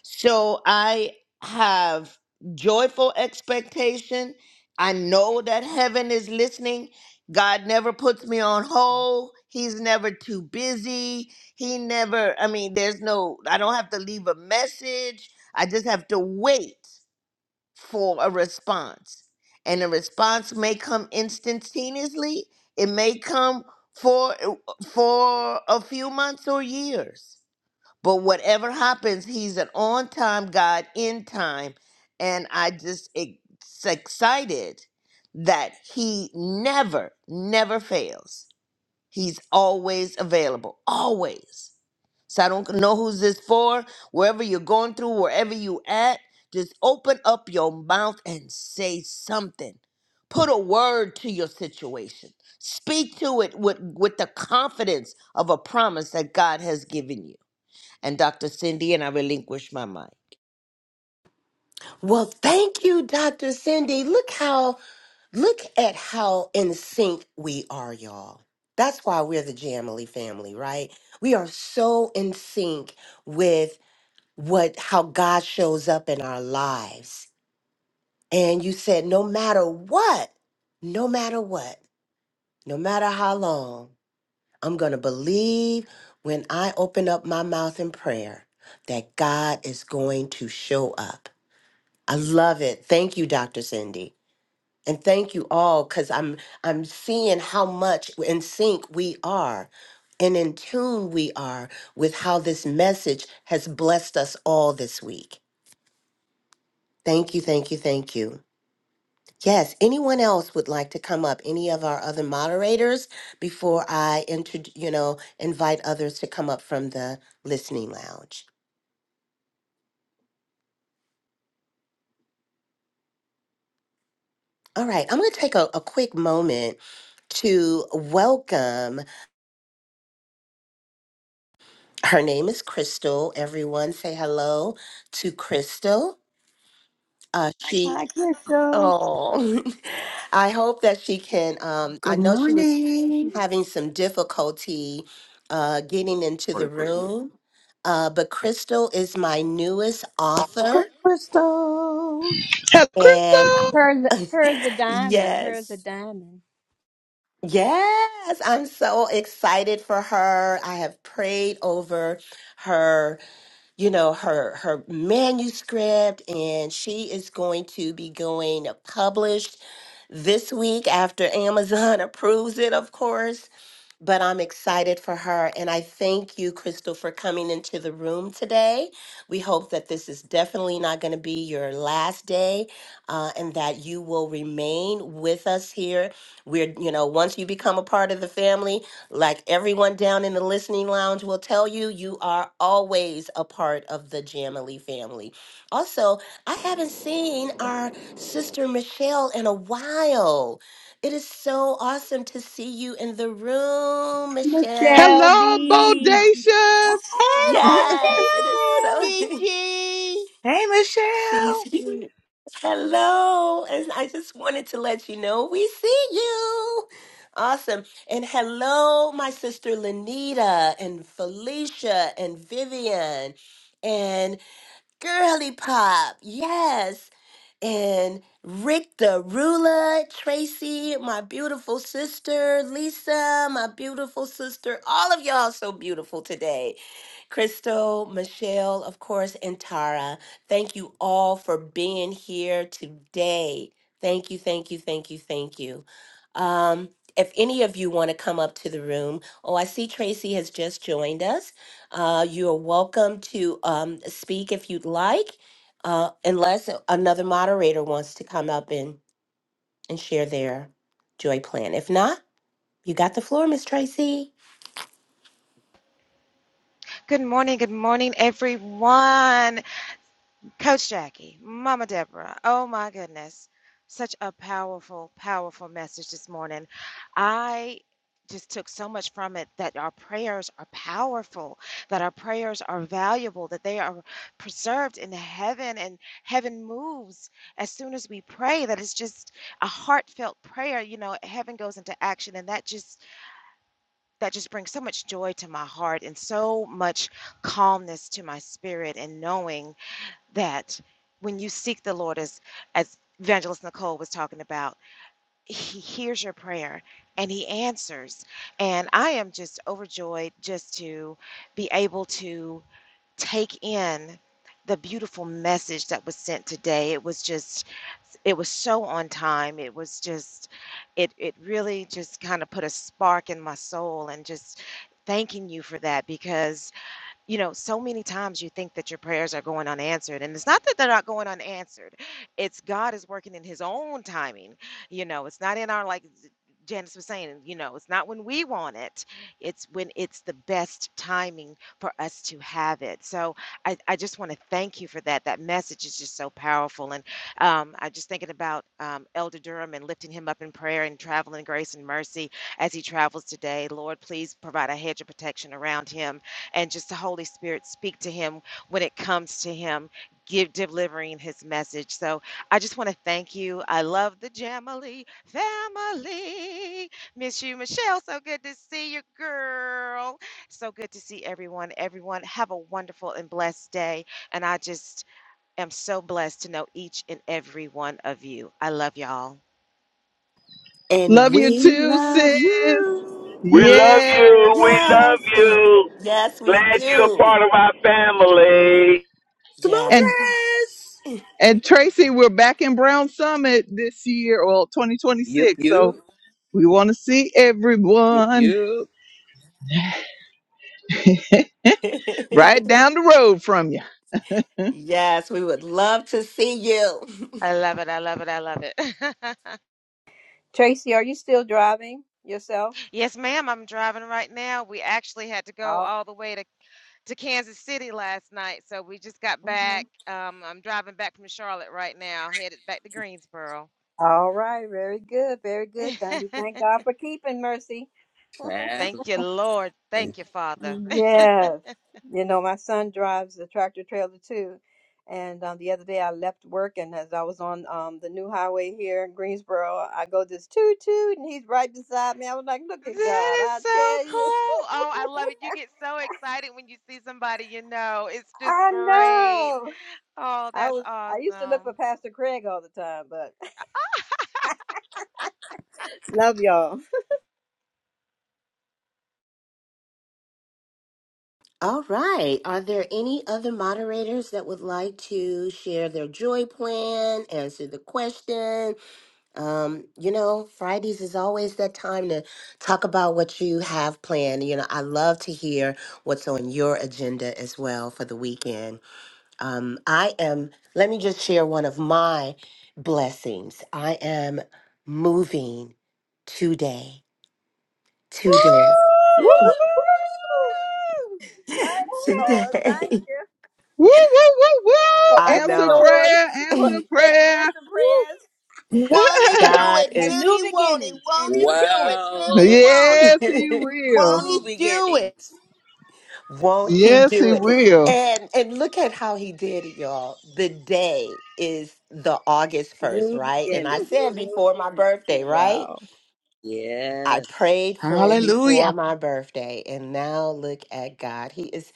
[SPEAKER 7] So I have joyful expectation. I know that heaven is listening. God never puts me on hold. He's never too busy. He never, I mean, there's no, I don't have to leave a message. I just have to wait for a response. And the response may come instantaneously, it may come for for a few months or years. But whatever happens, he's an on-time God in time, and I just it's excited that he never never fails. He's always available, always. So I don't know who's this for. Wherever you're going through, wherever you at, just open up your mouth and say something. Put a word to your situation. Speak to it with, with the confidence of a promise that God has given you. And Dr. Cindy, and I relinquish my mind.
[SPEAKER 3] Well, thank you, Dr. Cindy. Look how, look at how in sync we are, y'all. That's why we're the Jamily family, right? We are so in sync with what, how God shows up in our lives. And you said, no matter what, no matter what, no matter how long, I'm going to believe when I open up my mouth in prayer that God is going to show up. I love it. Thank you, Dr. Cindy. and thank you all because i'm i'm seeing how much in sync we are and in tune we are with how this message has blessed us all this week thank you thank you thank you yes anyone else would like to come up any of our other moderators before i intro you know invite others to come up from the listening lounge all right i'm going to take a, a quick moment to welcome Her name is Crystal. Everyone say hello to Crystal. Uh, Hi, she,
[SPEAKER 2] I
[SPEAKER 3] Crystal.
[SPEAKER 2] guess so.
[SPEAKER 3] oh, *laughs* I hope that she can. Um,
[SPEAKER 8] Good
[SPEAKER 3] I know she was
[SPEAKER 8] morning.
[SPEAKER 3] having some difficulty uh, getting into the
[SPEAKER 5] Morning, Chris.
[SPEAKER 3] room, uh, but Crystal is my newest author.
[SPEAKER 9] Crystal.
[SPEAKER 3] And
[SPEAKER 2] Her's her's a diamond. Her's a
[SPEAKER 3] yes,
[SPEAKER 2] diamond.
[SPEAKER 3] yes, I'm so excited for her. I have prayed over her you know her her manuscript and she is going to be going published this week after Amazon *laughs* approves it of course but I'm excited for her. And I thank you, Crystal, for coming into the room today. We hope that this is definitely not going to be your last day uh, and that you will remain with us here. We're, you know, once you become a part of the family, like everyone down in the listening lounge will tell you, you are always a part of the Jamily family. Also, I haven't seen our sister Michelle in a while. It is so awesome to see you in the room, Michelle.
[SPEAKER 2] Michelle
[SPEAKER 1] Hello,
[SPEAKER 2] B. *laughs*
[SPEAKER 1] Bodacious.
[SPEAKER 7] Hey,
[SPEAKER 2] Hey,
[SPEAKER 3] Yes, it is
[SPEAKER 2] Michelle.
[SPEAKER 3] so.
[SPEAKER 7] Michelle,
[SPEAKER 3] *laughs*
[SPEAKER 7] Gigi.
[SPEAKER 6] Hey,
[SPEAKER 3] She's
[SPEAKER 6] Michelle.
[SPEAKER 3] here. Hello. And I just wanted to let you know we see you. Awesome. And hello, my sister Lanita and Felicia and Vivian. and. Girly Pop, yes. And Rick the Ruler, Tracy, my beautiful sister, Lisa, my beautiful sister. All of y'all so beautiful today. Crystal, Michelle, of course, and Tara. Thank you all for being here today. Thank you, thank you, thank you, thank you. Um, if any of you want to come up to the room, oh, I see Tracy has just joined us. Uh, you are welcome to um, speak if you'd like, uh, unless another moderator wants to come up and, and share their joy plan. If not, you got the floor, Miss Tracy.
[SPEAKER 10] Good morning, good morning, everyone. Coach Jackie, Mama Deborah, oh my goodness. Such a powerful, powerful message this morning. I just took so much from it that our prayers are powerful, that our prayers are valuable, that they are preserved in heaven, and heaven moves as soon as we pray. That it's just a heartfelt prayer. You know, heaven goes into action, and that just that just brings so much joy to my heart and so much calmness to my spirit and knowing that when you seek the Lord as as Evangelist Nicole was talking about, he hears your prayer and he answers. And I am just overjoyed just to be able to take in the beautiful message that was sent today. It was just it was so on time. It was just it it really just kind of put a spark in my soul and just thanking you for that because you know so many times you think that your prayers are going unanswered and it's not that they're not going unanswered it's god is working in his own timing you know it's not in our like Janice was saying, you know, it's not when we want it, it's when it's the best timing for us to have it. So I, I just want to thank you for that. That message is just so powerful. And um, I'm just thinking about um, Elder Durham and lifting him up in prayer and traveling grace and mercy as he travels today. Lord, please provide a hedge of protection around him and just the Holy Spirit speak to him when it comes to him. Give delivering his message. So. I just want to thank you. I love the Jamily family. Miss you, Michelle. So good to see you, girl. So good to see everyone. Everyone, have a wonderful and blessed day. And I just am so blessed to know each and every one of you. I love y'all.
[SPEAKER 3] And
[SPEAKER 1] Love you
[SPEAKER 3] we
[SPEAKER 1] too,
[SPEAKER 3] love
[SPEAKER 1] sis.
[SPEAKER 3] you.
[SPEAKER 4] We love you.
[SPEAKER 1] Yes.
[SPEAKER 4] We love
[SPEAKER 3] Yes.
[SPEAKER 4] you.
[SPEAKER 3] Yes, we
[SPEAKER 4] Glad you're a
[SPEAKER 3] do.
[SPEAKER 4] part of our family.
[SPEAKER 1] And
[SPEAKER 3] Yes.
[SPEAKER 9] Smooches!
[SPEAKER 1] and Tracy, we're back in Brown Summit this year, well,
[SPEAKER 9] Yup,
[SPEAKER 1] 2026.
[SPEAKER 9] yup,
[SPEAKER 1] So we want to see
[SPEAKER 9] yup,
[SPEAKER 1] everyone
[SPEAKER 9] yup.
[SPEAKER 1] *laughs*
[SPEAKER 3] *laughs*
[SPEAKER 1] right down the road from you.
[SPEAKER 3] yes, we would love to see you. *laughs*
[SPEAKER 10] I love it. I love it. I love it. *laughs*
[SPEAKER 2] Tracy, are you still driving yourself?
[SPEAKER 10] yes, ma'am. I'm driving right now. We actually had to go
[SPEAKER 2] Oh,
[SPEAKER 10] all the way to, to Kansas City last night. So we just got back.
[SPEAKER 2] mhm.
[SPEAKER 10] Um, I'm driving back from Charlotte right now, headed back to Greensboro.
[SPEAKER 2] All right. Very good. Very good. Thank you.
[SPEAKER 10] *laughs*
[SPEAKER 2] Thank God for keeping mercy.
[SPEAKER 10] Thank
[SPEAKER 9] Traveling.
[SPEAKER 10] you, Lord. Thank you, Father. *laughs*
[SPEAKER 2] Yes. You know, my son drives a tractor trailer too. And um, the other day I left work, and as I was on um, the new highway here in Greensboro, I go this toot toot, and he's right beside me. I was like, look at God.
[SPEAKER 10] That is
[SPEAKER 2] I
[SPEAKER 10] so
[SPEAKER 2] tell
[SPEAKER 10] cool.
[SPEAKER 2] you.
[SPEAKER 10] Oh, I love it. You
[SPEAKER 2] *laughs*
[SPEAKER 10] get so excited when you see somebody you know. It's just
[SPEAKER 2] I
[SPEAKER 10] great.
[SPEAKER 2] know.
[SPEAKER 10] Oh,
[SPEAKER 2] I
[SPEAKER 10] that's
[SPEAKER 2] was I used to look for
[SPEAKER 10] awesome.
[SPEAKER 2] Pastor Craig all the time, but *laughs* love y'all. Woo-hoo!
[SPEAKER 3] All right. Are there any other moderators that would like to share their joy plan, answer the question? Um, you know, Fridays is always that time to talk about what you have planned. You know, I love to hear what's on your agenda as well for the weekend. Um, I am, let me just share one of my blessings. I am moving today. Today.
[SPEAKER 11] Woo, woo, woo.
[SPEAKER 2] Thank
[SPEAKER 3] *laughs*
[SPEAKER 2] you,
[SPEAKER 3] Today.
[SPEAKER 2] Lord. Thank you
[SPEAKER 1] Woo, woo, woo,
[SPEAKER 2] for
[SPEAKER 1] woo.
[SPEAKER 3] I
[SPEAKER 2] open
[SPEAKER 1] Answer
[SPEAKER 3] know.
[SPEAKER 2] doors,
[SPEAKER 1] prayer,
[SPEAKER 2] for
[SPEAKER 1] answer
[SPEAKER 3] *laughs*
[SPEAKER 2] prayer
[SPEAKER 1] prayer.
[SPEAKER 2] answer prayers,
[SPEAKER 1] Woo.
[SPEAKER 7] Won't he do
[SPEAKER 3] God
[SPEAKER 7] it?
[SPEAKER 3] is
[SPEAKER 2] and
[SPEAKER 7] Will
[SPEAKER 2] new
[SPEAKER 7] he, won't he?
[SPEAKER 2] beginnings, and
[SPEAKER 7] Won't he
[SPEAKER 2] new
[SPEAKER 7] do it?
[SPEAKER 2] beginnings,
[SPEAKER 7] Will
[SPEAKER 1] *laughs*
[SPEAKER 7] he,
[SPEAKER 9] Wow.
[SPEAKER 7] won't he?
[SPEAKER 1] yes, he will.
[SPEAKER 7] Won't he
[SPEAKER 9] New
[SPEAKER 7] do it?
[SPEAKER 9] beginnings.
[SPEAKER 3] *laughs* won't he
[SPEAKER 1] Yes,
[SPEAKER 3] do
[SPEAKER 1] he
[SPEAKER 3] it?
[SPEAKER 1] will.
[SPEAKER 3] And and look at how he did it, y'all. The day is the August 1st,
[SPEAKER 2] new
[SPEAKER 3] right? And
[SPEAKER 9] *laughs*
[SPEAKER 3] I
[SPEAKER 2] beginnings.
[SPEAKER 3] said before my birthday, right?
[SPEAKER 2] Wow.
[SPEAKER 3] I
[SPEAKER 9] Yes.
[SPEAKER 3] prayed for it before
[SPEAKER 6] Hallelujah.
[SPEAKER 3] my birthday. And now look at God. He is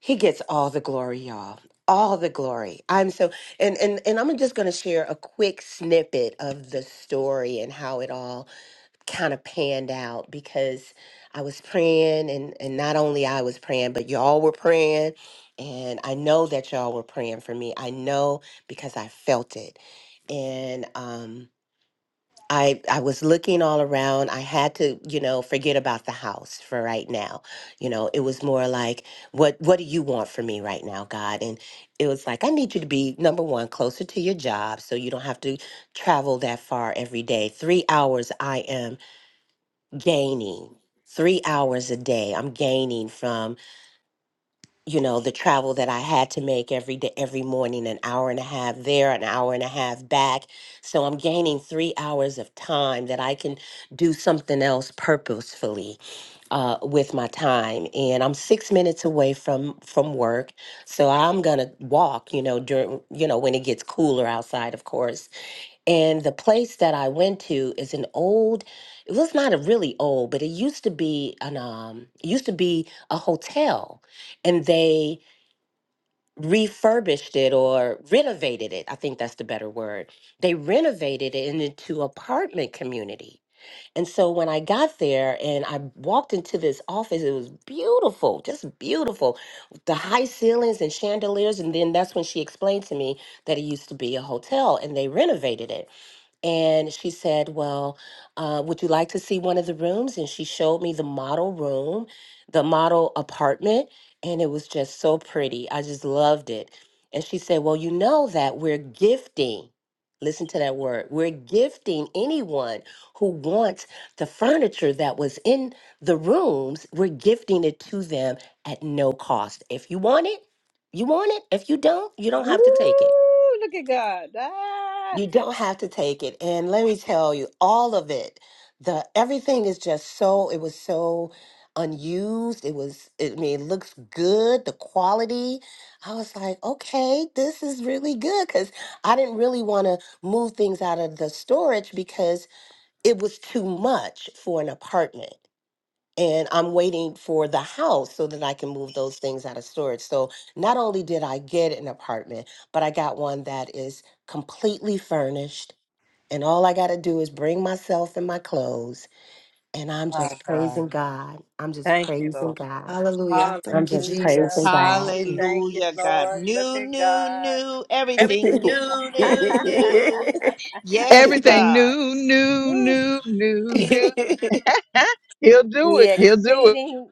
[SPEAKER 3] He gets all the glory, y'all. All the glory. I'm so and and and I'm just going to share a quick snippet of the story and how it all kind of panned out because I was praying and and not only I was praying, but y'all were praying and I know that y'all were praying for me. I know because I felt it. And um I I was looking all around. I had to, you know, forget about the house for right now. You know, it was more like, what what do you want from me right now, God? And it was like, I need you to be number one, closer to your job so you don't have to travel that far every day. Three hours I am gaining. Three hours a day I'm gaining from you know the travel that i had to make every day every morning an hour and a half there an hour and a half back so i'm gaining three hours of time that i can do something else purposefully uh, with my time and i'm six minutes away from from work so i'm gonna walk you know during you know when it gets cooler outside of course and the place that i went to is an old it was not a really old but it used to be an um it used to be a hotel and they refurbished it or renovated it. I think that's the better word. They renovated it into apartment community. And so when I got there and I walked into this office, it was beautiful, just beautiful. The high ceilings and chandeliers. And then that's when she explained to me that it used to be a hotel and they renovated it. And she said, Well, uh, would you like to see one of the rooms? And she showed me the model room, the model apartment, and it was just so pretty. I just loved it. And she said, Well, you know that we're gifting. Listen to that word. We're gifting anyone who wants the furniture that was in the rooms, we're gifting it to them at no cost. If you want it, you want it. If you don't, you don't
[SPEAKER 2] Woo,
[SPEAKER 3] have to take it.
[SPEAKER 2] look at God. Ah.
[SPEAKER 3] You don't have to take it. And let me tell you, all of it, the everything is just so it was so unused. It was I mean, it looks good, the quality. I was like, okay, this is really good because I didn't really want to move things out of the storage because it was too much for an apartment. And I'm waiting for the house so that I can move those things out of storage. So not only did I get an apartment, but I got one that is completely furnished and all I got to do is bring myself and my clothes. And I'm
[SPEAKER 2] My
[SPEAKER 3] just
[SPEAKER 2] God.
[SPEAKER 3] praising God. I'm just
[SPEAKER 2] Thank you,
[SPEAKER 3] praising
[SPEAKER 2] Lord.
[SPEAKER 3] God.
[SPEAKER 8] Hallelujah.
[SPEAKER 3] I'm
[SPEAKER 8] Thank you,
[SPEAKER 3] just
[SPEAKER 2] Hallelujah.
[SPEAKER 3] praising
[SPEAKER 8] Jesus.
[SPEAKER 2] Thank
[SPEAKER 3] God.
[SPEAKER 2] you. Thank you,
[SPEAKER 7] Hallelujah, God.
[SPEAKER 2] Lord. Look
[SPEAKER 7] New, new,
[SPEAKER 2] at
[SPEAKER 7] new,
[SPEAKER 9] Everything
[SPEAKER 7] everything
[SPEAKER 3] *laughs*
[SPEAKER 7] new,
[SPEAKER 9] new,
[SPEAKER 7] new,
[SPEAKER 9] new, new.
[SPEAKER 2] God.
[SPEAKER 7] new. Yes, God.
[SPEAKER 2] *laughs* The exceeding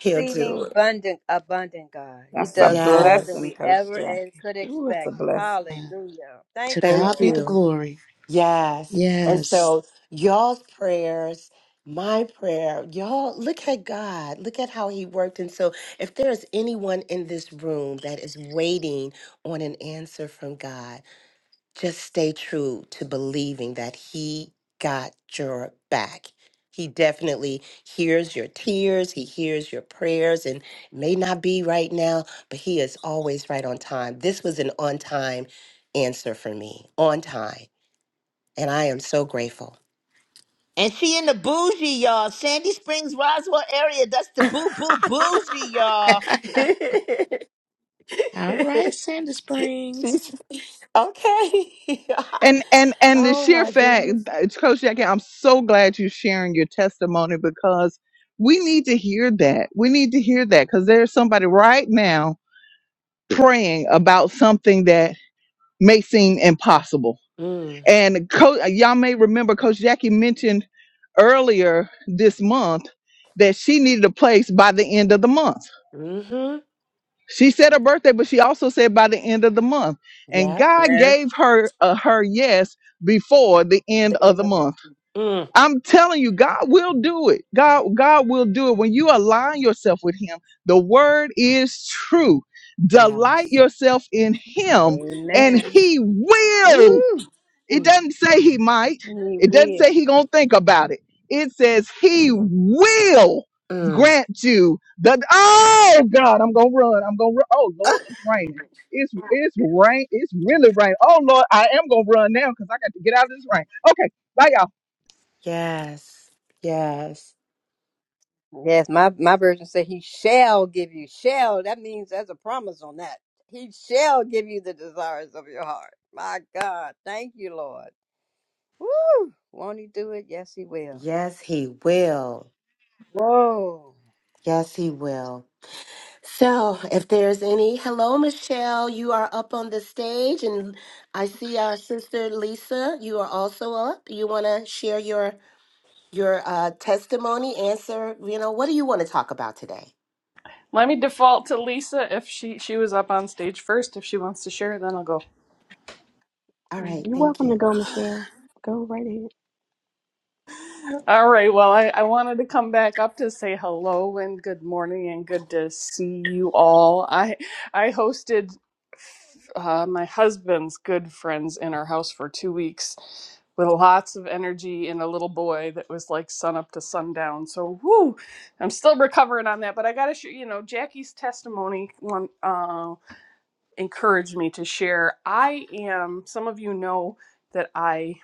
[SPEAKER 3] He'll do it.
[SPEAKER 2] abundant abundant God. He
[SPEAKER 11] That's a
[SPEAKER 2] does more than
[SPEAKER 11] blessing,
[SPEAKER 3] Yes.
[SPEAKER 2] we
[SPEAKER 11] Coach
[SPEAKER 2] ever eh,
[SPEAKER 11] Jackie.
[SPEAKER 2] could
[SPEAKER 11] Ooh, it's a
[SPEAKER 2] expect.
[SPEAKER 11] blessing.
[SPEAKER 6] To
[SPEAKER 2] Hallelujah. Thank you,
[SPEAKER 6] God
[SPEAKER 3] Thank
[SPEAKER 6] be
[SPEAKER 2] Lord.
[SPEAKER 6] the
[SPEAKER 3] you.
[SPEAKER 6] glory.
[SPEAKER 3] Yes. And
[SPEAKER 6] Yes.
[SPEAKER 3] so, y'all's prayers, my prayer, y'all, look at God. Look at how He worked. And so, if there's anyone in this room that is waiting on an answer from God, just stay true to believing that he got your back. He definitely hears your tears, he hears your prayers, and it may not be right now, but he is always right on time. This was an on time answer for me, on time. And I am so grateful.
[SPEAKER 7] And she in the bougie, y'all. Sandy Springs, Roswell area. That's the
[SPEAKER 3] *laughs*
[SPEAKER 7] boo, boo, bougie, y'all.
[SPEAKER 6] *laughs* All right, Sandy Springs.
[SPEAKER 3] She's- okay.
[SPEAKER 1] And and
[SPEAKER 3] *laughs*
[SPEAKER 1] and the
[SPEAKER 3] oh
[SPEAKER 1] sheer
[SPEAKER 3] my
[SPEAKER 1] fact,
[SPEAKER 3] goodness.
[SPEAKER 1] Coach Jackie, I'm so glad you're sharing your testimony because we need to hear that. We need to hear that because there's somebody right now praying about something that may seem impossible
[SPEAKER 3] Mm,
[SPEAKER 1] And Co- y'all may remember Coach Jackie mentioned earlier this month that she needed a place by the end of the month.
[SPEAKER 3] mm-hmm.
[SPEAKER 1] She said her birthday, but she also said by the end of the month. And
[SPEAKER 3] Yeah.
[SPEAKER 1] God
[SPEAKER 2] Yes.
[SPEAKER 1] gave her uh, her yes before the end
[SPEAKER 3] The
[SPEAKER 1] of
[SPEAKER 3] end
[SPEAKER 1] the
[SPEAKER 3] of the.
[SPEAKER 1] month.
[SPEAKER 3] Mm.
[SPEAKER 1] I'm telling you, God will do it. God, God will do it when you align yourself with Him. The word is true. Delight
[SPEAKER 3] Yes.
[SPEAKER 1] yourself in Him, and
[SPEAKER 2] Amen.
[SPEAKER 1] He will.
[SPEAKER 2] Woo.
[SPEAKER 1] It
[SPEAKER 3] Mm.
[SPEAKER 1] doesn't say he might.
[SPEAKER 2] He
[SPEAKER 1] It doesn't
[SPEAKER 2] will.
[SPEAKER 1] say he gonna think about it. It says he will
[SPEAKER 3] Mm.
[SPEAKER 1] grant you the. Oh God, I'm gonna run. I'm gonna run. Oh
[SPEAKER 3] *laughs*
[SPEAKER 1] Lord, it's raining. It's it's rain. It's really raining. Oh Lord, I am gonna run now because I got to get out of this rain. Okay, bye y'all.
[SPEAKER 3] Yes. Yes.
[SPEAKER 2] Yes, my, my version said he shall give you. Shall that means there's a promise on that. He shall give you the desires of your heart. My God. Thank you, Lord. Woo! Won't he do it? Yes, he will.
[SPEAKER 3] Yes, he will.
[SPEAKER 2] Whoa.
[SPEAKER 3] Yes, he will. So, if there's any, hello, Michelle. You are up on the stage, and I see our sister Lisa. You are also up. You want to share your your uh, testimony, answer. You know, what do you want to talk about today?
[SPEAKER 12] Let me default to Lisa if she she was up on stage first. If she wants to share, then I'll go.
[SPEAKER 3] All
[SPEAKER 13] Mm,
[SPEAKER 3] right,
[SPEAKER 13] You're
[SPEAKER 3] thank
[SPEAKER 13] welcome to
[SPEAKER 3] you.
[SPEAKER 13] go, Michelle. Go right ahead.
[SPEAKER 12] All right. Well, I, I wanted to come back up to say hello and good morning and good to see you all. I I hosted uh, my husband's good friends in our house for two weeks with lots of energy and a little boy that was like sun up to sundown. So whoo, I'm still recovering on that. But I got to, sh- you know, Jackie's testimony. One. Uh, encouraged me to share. I am, some of you know that I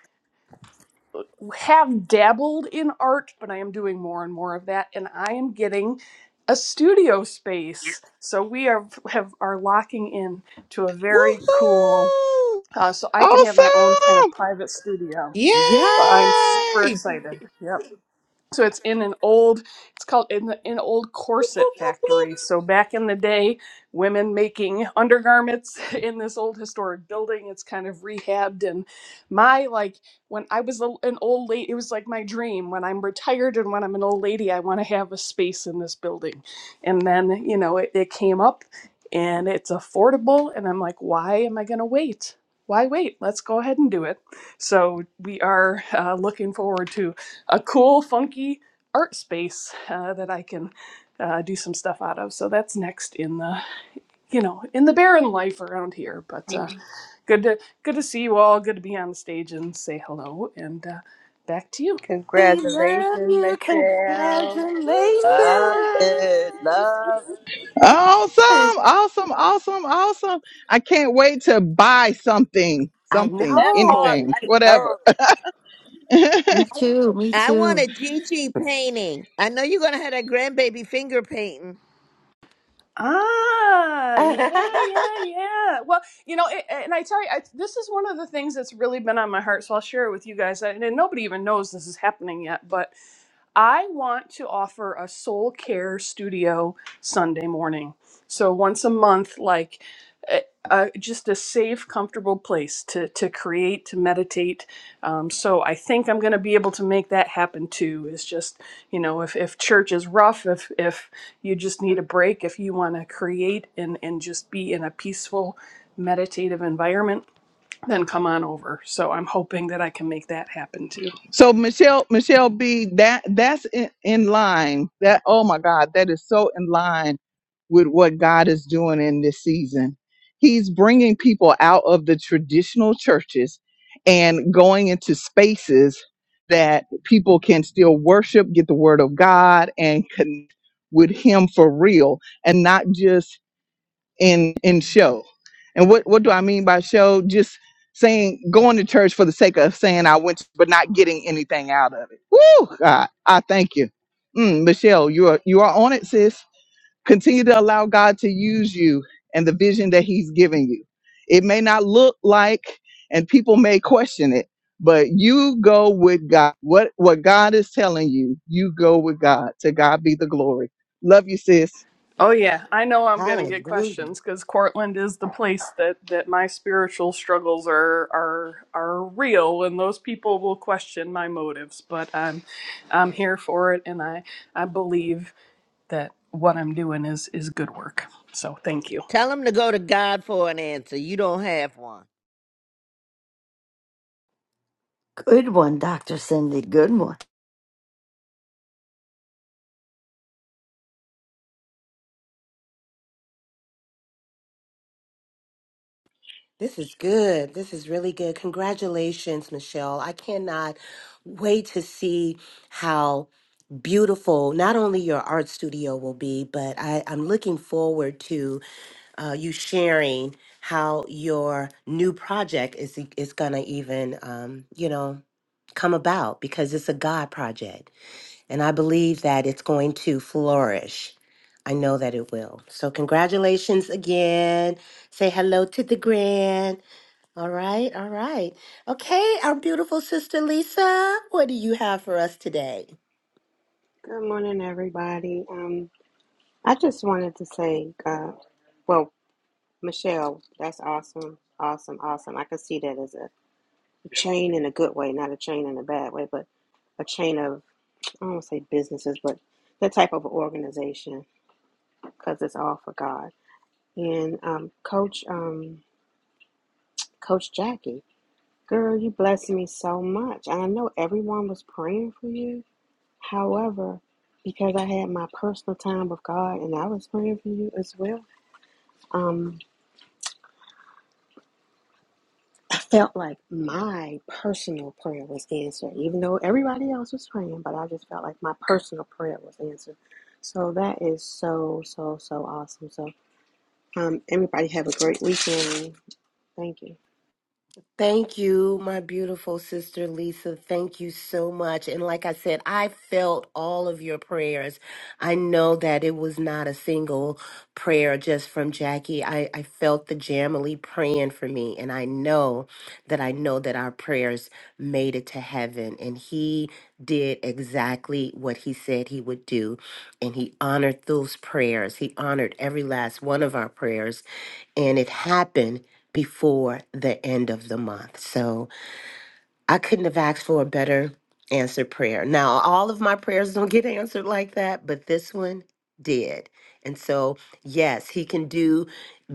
[SPEAKER 12] have dabbled in art, but I am doing more and more of that, and I am getting a studio space. So we are have are locking in to a very cool
[SPEAKER 7] Woohoo!
[SPEAKER 12] uh, so I can have my own kind of private studio.
[SPEAKER 6] Yay!
[SPEAKER 12] So I'm super
[SPEAKER 3] Yes.
[SPEAKER 12] excited. Yep so it's in an old it's called in the an old
[SPEAKER 9] Boop,
[SPEAKER 12] corset
[SPEAKER 9] boop, boop.
[SPEAKER 12] factory so back in the day women making undergarments *laughs* in this old historic building it's kind of rehabbed and my like when i was a, an old lady it was like my dream when i'm retired and when i'm an old lady i want to have a space in this building and then you know it, it came up and it's affordable and i'm like why am i going to wait why wait let's go ahead and do it so we are uh, looking forward to a cool, funky art space uh, that I can uh, do some stuff out of. So that's next in the you know in the barren life around here. But uh, good to good to see you all. Good to be on stage and say hello. And uh, back to you.
[SPEAKER 3] We love
[SPEAKER 2] Congratulations,
[SPEAKER 3] you. Congratulations.
[SPEAKER 2] Michelle.
[SPEAKER 9] Love
[SPEAKER 2] Woo-hoo.
[SPEAKER 9] it. Love it.
[SPEAKER 1] Awesome, awesome, awesome, awesome. I can't wait to buy something,
[SPEAKER 3] I
[SPEAKER 1] something,
[SPEAKER 9] that part
[SPEAKER 3] know.
[SPEAKER 1] anything,
[SPEAKER 9] right
[SPEAKER 1] whatever
[SPEAKER 9] there.
[SPEAKER 8] Me too. Me
[SPEAKER 7] I want
[SPEAKER 8] too.
[SPEAKER 7] a Gigi painting. I know you're going to have that grandbaby finger painting.
[SPEAKER 12] Ah, yeah,
[SPEAKER 3] *laughs*
[SPEAKER 12] yeah, yeah. Well, you know, it, and I tell you, I, this is one of the things that's really been on my heart, so I'll share it with you guys. And nobody even knows this is happening yet, but I want to offer a soul care studio Sunday morning. So once a month, like uh, uh, just a safe, comfortable place to, to create, to meditate. Um, so I think I'm going to be able to make that happen too. Is just you know if, if church is rough, if if you just need a break if you want to create and, and just be in a peaceful, meditative environment, then come on over. So I'm hoping that I can make that happen too.
[SPEAKER 1] So Michelle, Michelle B, that that's in, in line. That oh my God, that is so in line with what God is doing in this season. He's bringing people out of the traditional churches and going into spaces that people can still worship, get the word of God, and connect with Him for real, and not just in in show. And what what do I mean by show? Just saying going to church for the sake of saying I went, but not getting anything out of it. Woo, God, I thank you, mm, Michelle. You are you are on it, sis. Continue to allow God to use you and the vision that He's giving you. It may not look like, and people may question it, but you go with God. What what God is telling you, you go with God. To God be the glory. Love you, sis.
[SPEAKER 12] Oh yeah, I know I'm gonna get
[SPEAKER 3] Hallelujah.
[SPEAKER 12] questions because Cortland is the place that, that my spiritual struggles are are are real, and those people will question my motives. But I'm I'm here for it, and I I believe that what I'm doing is is good work. So thank you.
[SPEAKER 7] Tell him to go to God for an answer. You don't have one.
[SPEAKER 8] Good one, Dr. Cindy. Good one.
[SPEAKER 3] This is good. This is really good. Congratulations, Michelle. I cannot wait to see how beautiful not only your art studio will be, but I, I'm looking forward to uh, you sharing how your new project is is gonna even um, you know come about because it's a God project, and I believe that it's going to flourish. I know that it will. So congratulations again. Say hello to the grand. All right, all right. Okay, our beautiful sister Lisa, what do you have for us today?
[SPEAKER 13] Good morning, everybody. Um, I just wanted to say, uh, well, Michelle, that's awesome, awesome, awesome. I could see that as a chain in a good way, not a chain in a bad way, but a chain of, I don't want to say businesses, but that type of organization because it's all for God. And um, Coach, um, Coach Jackie, girl, you blessed me so much. And I know everyone was praying for you However, because I had my personal time with God and I was praying for you as well, um, I felt like my personal prayer was answered, even though everybody else was praying, but I just felt like my personal prayer was answered. So that is so, so, so awesome. So um, everybody have a great weekend. Thank you.
[SPEAKER 3] Thank you, my beautiful sister Lisa. Thank you so much. And like I said, I felt all of your prayers. I know that it was not a single prayer just from Jackie. I, I felt the Jamily praying for me. And I know that I know that our prayers made it to heaven. And he did exactly what he said he would do. And he honored those prayers. He honored every last one of our prayers and it happened before the end of the month. So I couldn't have asked for a better answered prayer. Now, all of my prayers don't get answered like that, but this one did. And so, yes, he can do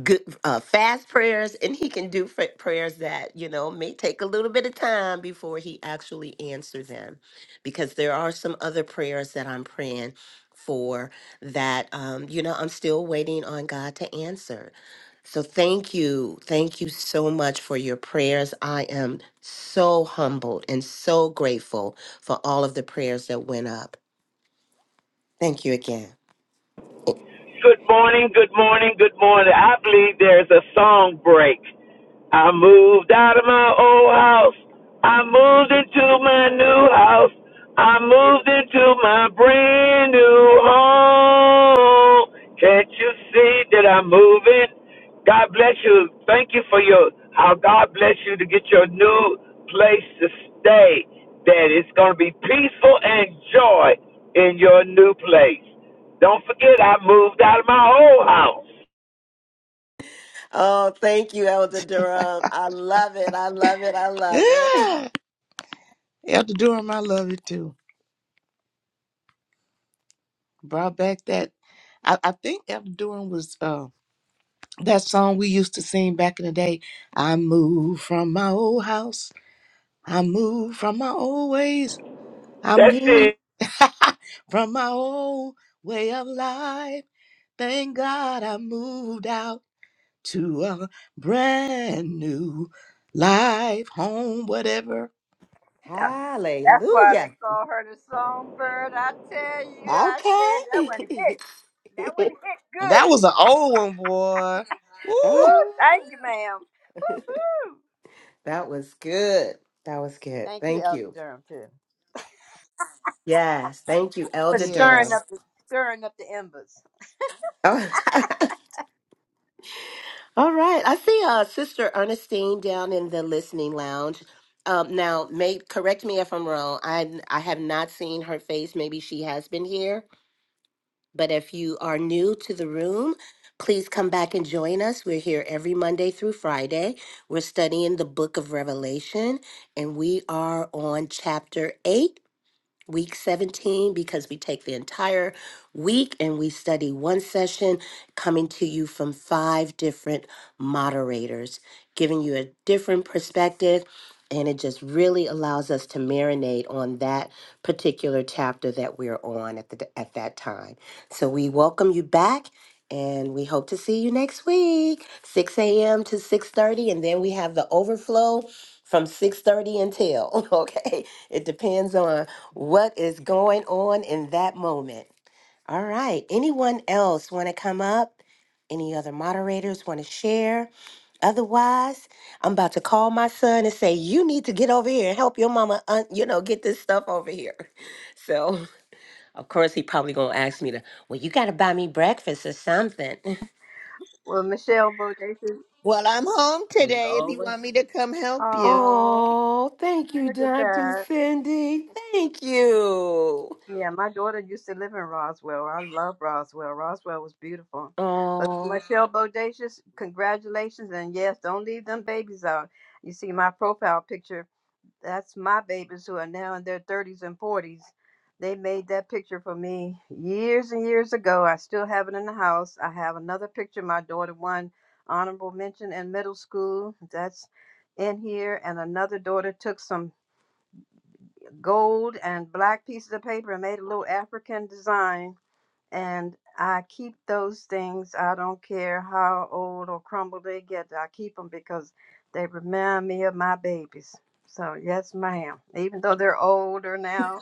[SPEAKER 3] good uh, fast prayers and he can do fa- prayers that, you know, may take a little bit of time before he actually answer them because there are some other prayers that I'm praying for that um you know I'm still waiting on God to answer. So thank you. Thank you so much for your prayers. I am so humbled and so grateful for all of the prayers that went up. Thank you again.
[SPEAKER 4] Good morning, good morning, good morning. I believe there's a song break. I moved out of my old house. I moved into my new house. I moved into my brand new home. Can't you see that I'm moving? God bless you. Thank you for your how God bless you to get your new place to stay. That it's going to be peaceful and joy in your new place. Don't forget, I moved out of my old house.
[SPEAKER 3] Oh, thank you, Elder Durham. I love it. I love it. I love it.
[SPEAKER 6] Yeah. Elder Durham, I love it too. Brought back that. I, I think Elder Durham was uh, that song we used to sing back in the day. I moved from my old house. I moved from my old ways. I
[SPEAKER 4] That's
[SPEAKER 6] moved
[SPEAKER 4] it.
[SPEAKER 6] *laughs* from my old way of life. Thank God I moved out. to a brand new life, home, whatever.
[SPEAKER 3] *laughs*
[SPEAKER 2] That- That's why they
[SPEAKER 3] Hallelujah.
[SPEAKER 2] call her the songbird. I tell you, I said that
[SPEAKER 3] Okay. *laughs*
[SPEAKER 2] one hit. That one hit
[SPEAKER 6] That was
[SPEAKER 2] good.
[SPEAKER 6] an old one, boy.
[SPEAKER 2] Woo,
[SPEAKER 6] Woo!
[SPEAKER 3] Ah,
[SPEAKER 2] thank you, ma'am. Woo.
[SPEAKER 3] that was good. That was good.
[SPEAKER 2] Thank you,
[SPEAKER 3] Thank
[SPEAKER 2] Elder
[SPEAKER 3] you.
[SPEAKER 2] Durham, too,
[SPEAKER 3] Yes. Thank you,
[SPEAKER 2] for
[SPEAKER 3] Elder
[SPEAKER 2] stirring
[SPEAKER 3] Durham.
[SPEAKER 6] Yes.
[SPEAKER 2] up the stirring up the embers.
[SPEAKER 3] Oh. *laughs* All right. I see uh, Sister Ernestine down in the listening lounge. Um, now, may, correct me if I'm wrong. I, I have not seen her face. Maybe she has been here. But if you are new to the room, please come back and join us. We're here every Monday through Friday. We're studying the book of Revelation, and we are on chapter 8 week 17 because we take the entire week and we study one session coming to you from five different moderators, giving you a different perspective. And it just really allows us to marinate on that particular chapter that we're on at, the, at that time. So we welcome you back and we hope to see you next week 6 a.m to 6.30 and then we have the overflow from 6.30 until *laughs* okay it depends on what is going on in that moment. All right. Anyone else want to come up? Any other moderators want to share? Otherwise, I'm about to call my son and say, "You need to get over here and help your mama, un- you know, get this stuff over here." *laughs* So, of course, he probably gonna ask me to. Well, you gotta buy me breakfast or something. *laughs*
[SPEAKER 2] Well, Michelle Bodacious.
[SPEAKER 7] Well, I'm home
[SPEAKER 9] As
[SPEAKER 7] today if you
[SPEAKER 9] always.
[SPEAKER 7] want me to come help you.
[SPEAKER 2] Oh,
[SPEAKER 3] Oh, thank you,
[SPEAKER 2] look at
[SPEAKER 3] Doctor
[SPEAKER 2] that.
[SPEAKER 3] Cindy. Thank you.
[SPEAKER 2] Yeah, my daughter used to live in Roswell. I love Roswell. Roswell was beautiful. But
[SPEAKER 3] Oh,
[SPEAKER 2] Michelle Bodacious, congratulations. And yes, don't leave them babies out. You see my profile picture. That's my babies who are now in their 30s and 40s. They made that picture for me years and years ago. I still have it in the house. I have another picture. My daughter won honorable mention in middle school. That's in here. And another daughter took some gold and black pieces of paper and made a little African design. And I keep those things. I don't care how old or crumbled they get. I keep them because they remind me of my babies. So yes, ma'am. Even though they're older now.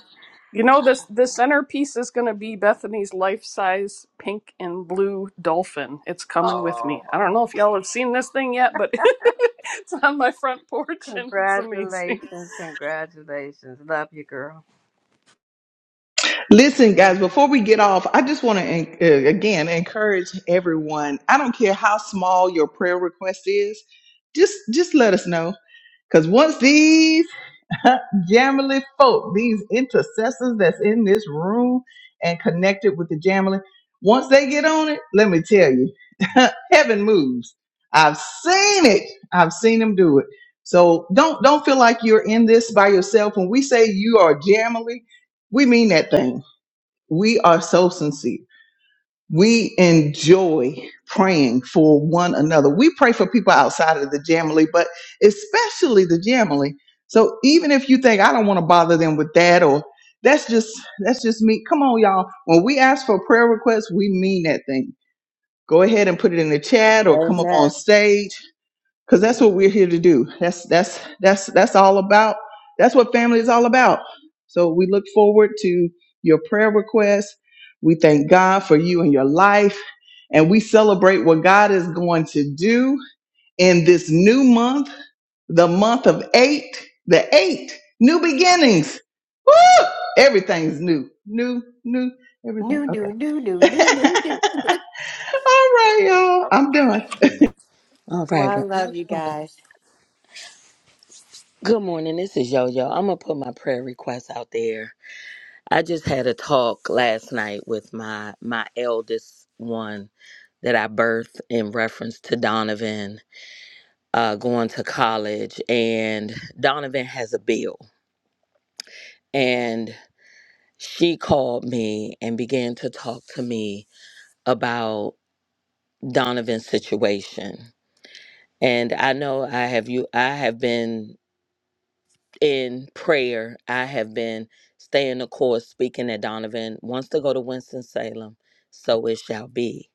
[SPEAKER 12] You know, this the centerpiece is going to be Bethany's life-size pink and blue dolphin. It's coming with
[SPEAKER 2] Oh,
[SPEAKER 12] me. I don't know if y'all have seen this thing yet, but *laughs* it's on my front porch and it's amazing.
[SPEAKER 2] congratulations! Congratulations! Love you, girl.
[SPEAKER 1] Listen, guys,
[SPEAKER 3] no,
[SPEAKER 1] before we get off, I just want to, again, encourage everyone. I don't care how small your prayer request is, just, just let us know. Because once these *laughs* Jamily folk, these intercessors that's in this room and connected with the Jamily, once they get on it, let me tell you, *laughs* heaven moves. I've seen it. I've seen them do it. So don't don't feel like you're in this by yourself. When we say you are Jamily, we mean that thing we are so sincere. We enjoy praying for one another. We pray for people outside of the Jamily, but especially the Jamily. So even if you think I don't want to bother them with that or that's just that's just me. Come on, y'all. When we ask for prayer requests, we mean that thing. Go ahead and put it in the chat or come up on
[SPEAKER 2] Amen.
[SPEAKER 1] stage because that's what we're here to do. That's that's that's that's all about. That's what family is all about. So we look forward to your prayer requests. We thank God for you and your life, and we celebrate what God is going to do in this new month, the month of eight, the eight new beginnings. Woo! Everything's new, new, new,
[SPEAKER 3] no,
[SPEAKER 1] everything.
[SPEAKER 3] no,
[SPEAKER 1] Okay.
[SPEAKER 3] no,
[SPEAKER 1] *laughs*
[SPEAKER 3] no, no, no.
[SPEAKER 1] all right, y'all. I'm done.
[SPEAKER 9] All
[SPEAKER 3] Well,
[SPEAKER 9] right.
[SPEAKER 3] I
[SPEAKER 9] Well, I'm
[SPEAKER 3] love you
[SPEAKER 9] gonna...
[SPEAKER 3] guys.
[SPEAKER 9] Good morning. This is Yo Yo. I'm going to put my prayer request out there. I just had a talk last night with my my eldest one that I birthed in reference to Donovan uh, going to college, and Donovan has a bill, and she called me and began to talk to me about Donovan's situation, and I know I have you I have been in prayer, I have been staying the course, speaking that Donovan wants to go to Winston Salem, so it shall be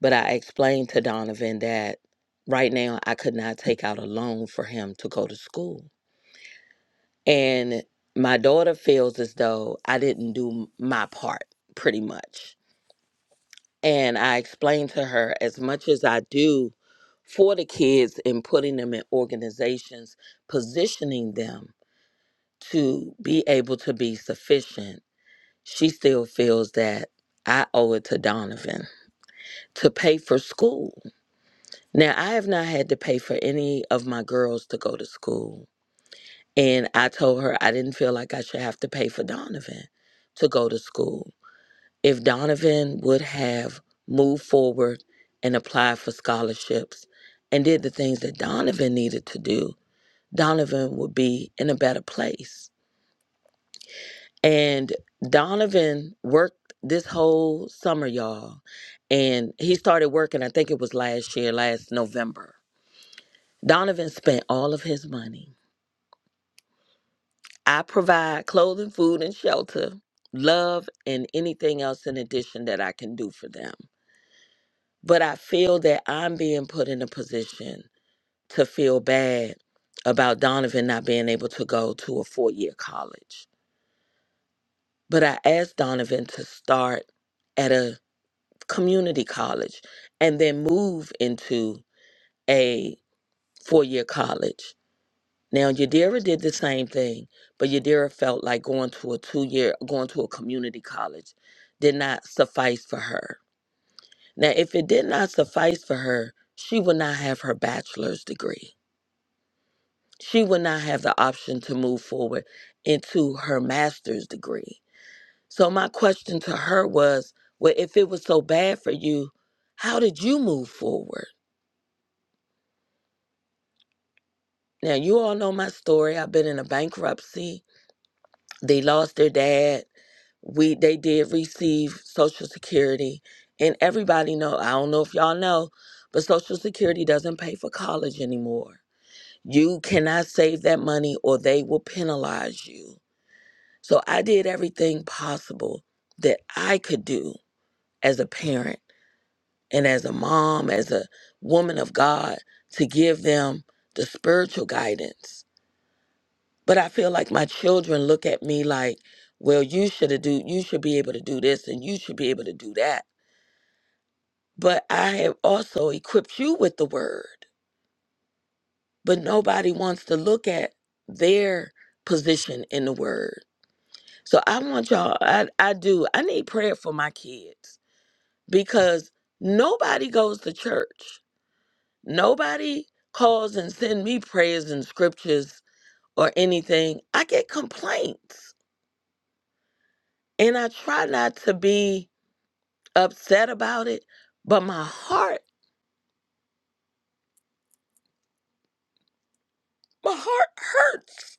[SPEAKER 9] But I explained to Donovan that right now I could not take out a loan for him to go to school. And my daughter feels as though I didn't do my part pretty much. And I explained to her as much as I do for the kids in putting them in organizations, positioning them to be able to be sufficient, she still feels that I owe it to Donovan to pay for school Now, I have not had to pay for any of my girls to go to school. And I told her I didn't feel like I should have to pay for Donovan to go to school. If Donovan would have moved forward and applied for scholarships and did the things that Donovan needed to do, Donovan would be in a better place. And Donovan worked this whole summer, y'all. And he started working, I think it was last year, last November Donovan spent all of his money. I provide clothing, food, and shelter, love, and anything else in addition that I can do for them. But I feel that I'm being put in a position to feel bad about Donovan not being able to go to a four year college. But I asked Donovan to start at a community college and then move into a four year college Now Yadira did the same thing, but Yadira felt like going to a two year going to a community college did not suffice for her. Now if it did not suffice for her, she would not have her bachelor's degree. She would not have the option to move forward into her master's degree. So my question to her was, well if it was so bad for you, how did you move forward? Now you all know my story. I've been in a bankruptcy. They lost their dad we they did receive social security and everybody know i don't know if y'all know but social security doesn't pay for college anymore you cannot save that money or they will penalize you so i did everything possible that i could do as a parent and as a mom as a woman of god to give them the spiritual guidance but i feel like my children look at me like well you should have do you should be able to do this and you should be able to do that but I have also equipped you with the word. But nobody wants to look at their position in the word. So I want y'all, I, I do, I need prayer for my kids because nobody goes to church. Nobody calls and send me prayers and scriptures or anything. I get complaints and I try not to be upset about it, but my heart, my heart hurts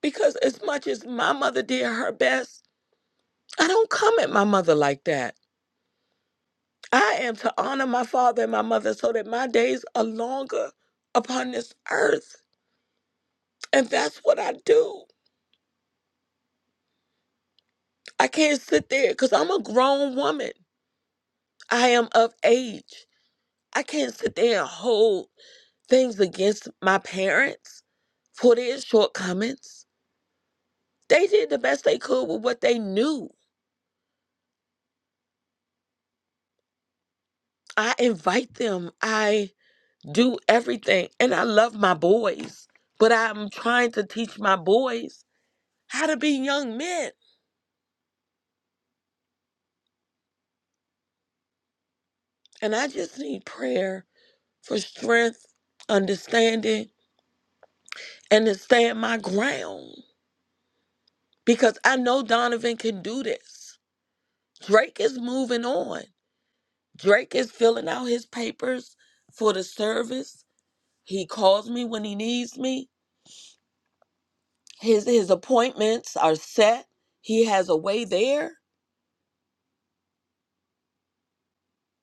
[SPEAKER 9] Because as much as my mother did her best, I don't come at my mother like that. I am to honor my father and my mother so that my days are longer upon this earth. And that's what I do. I can't sit there because I'm a grown woman. I am of age. I can't sit there and hold things against my parents for their shortcomings. They did the best they could with what they knew. I invite them. I. do everything. And I love my boys, but I'm trying to teach my boys how to be young men. And I just need prayer for strength, understanding, and to stand my ground because I know Donovan can do this. Drake is moving on. Drake is filling out his papers for the service. He calls me when he needs me. His his appointments are set. He has a way there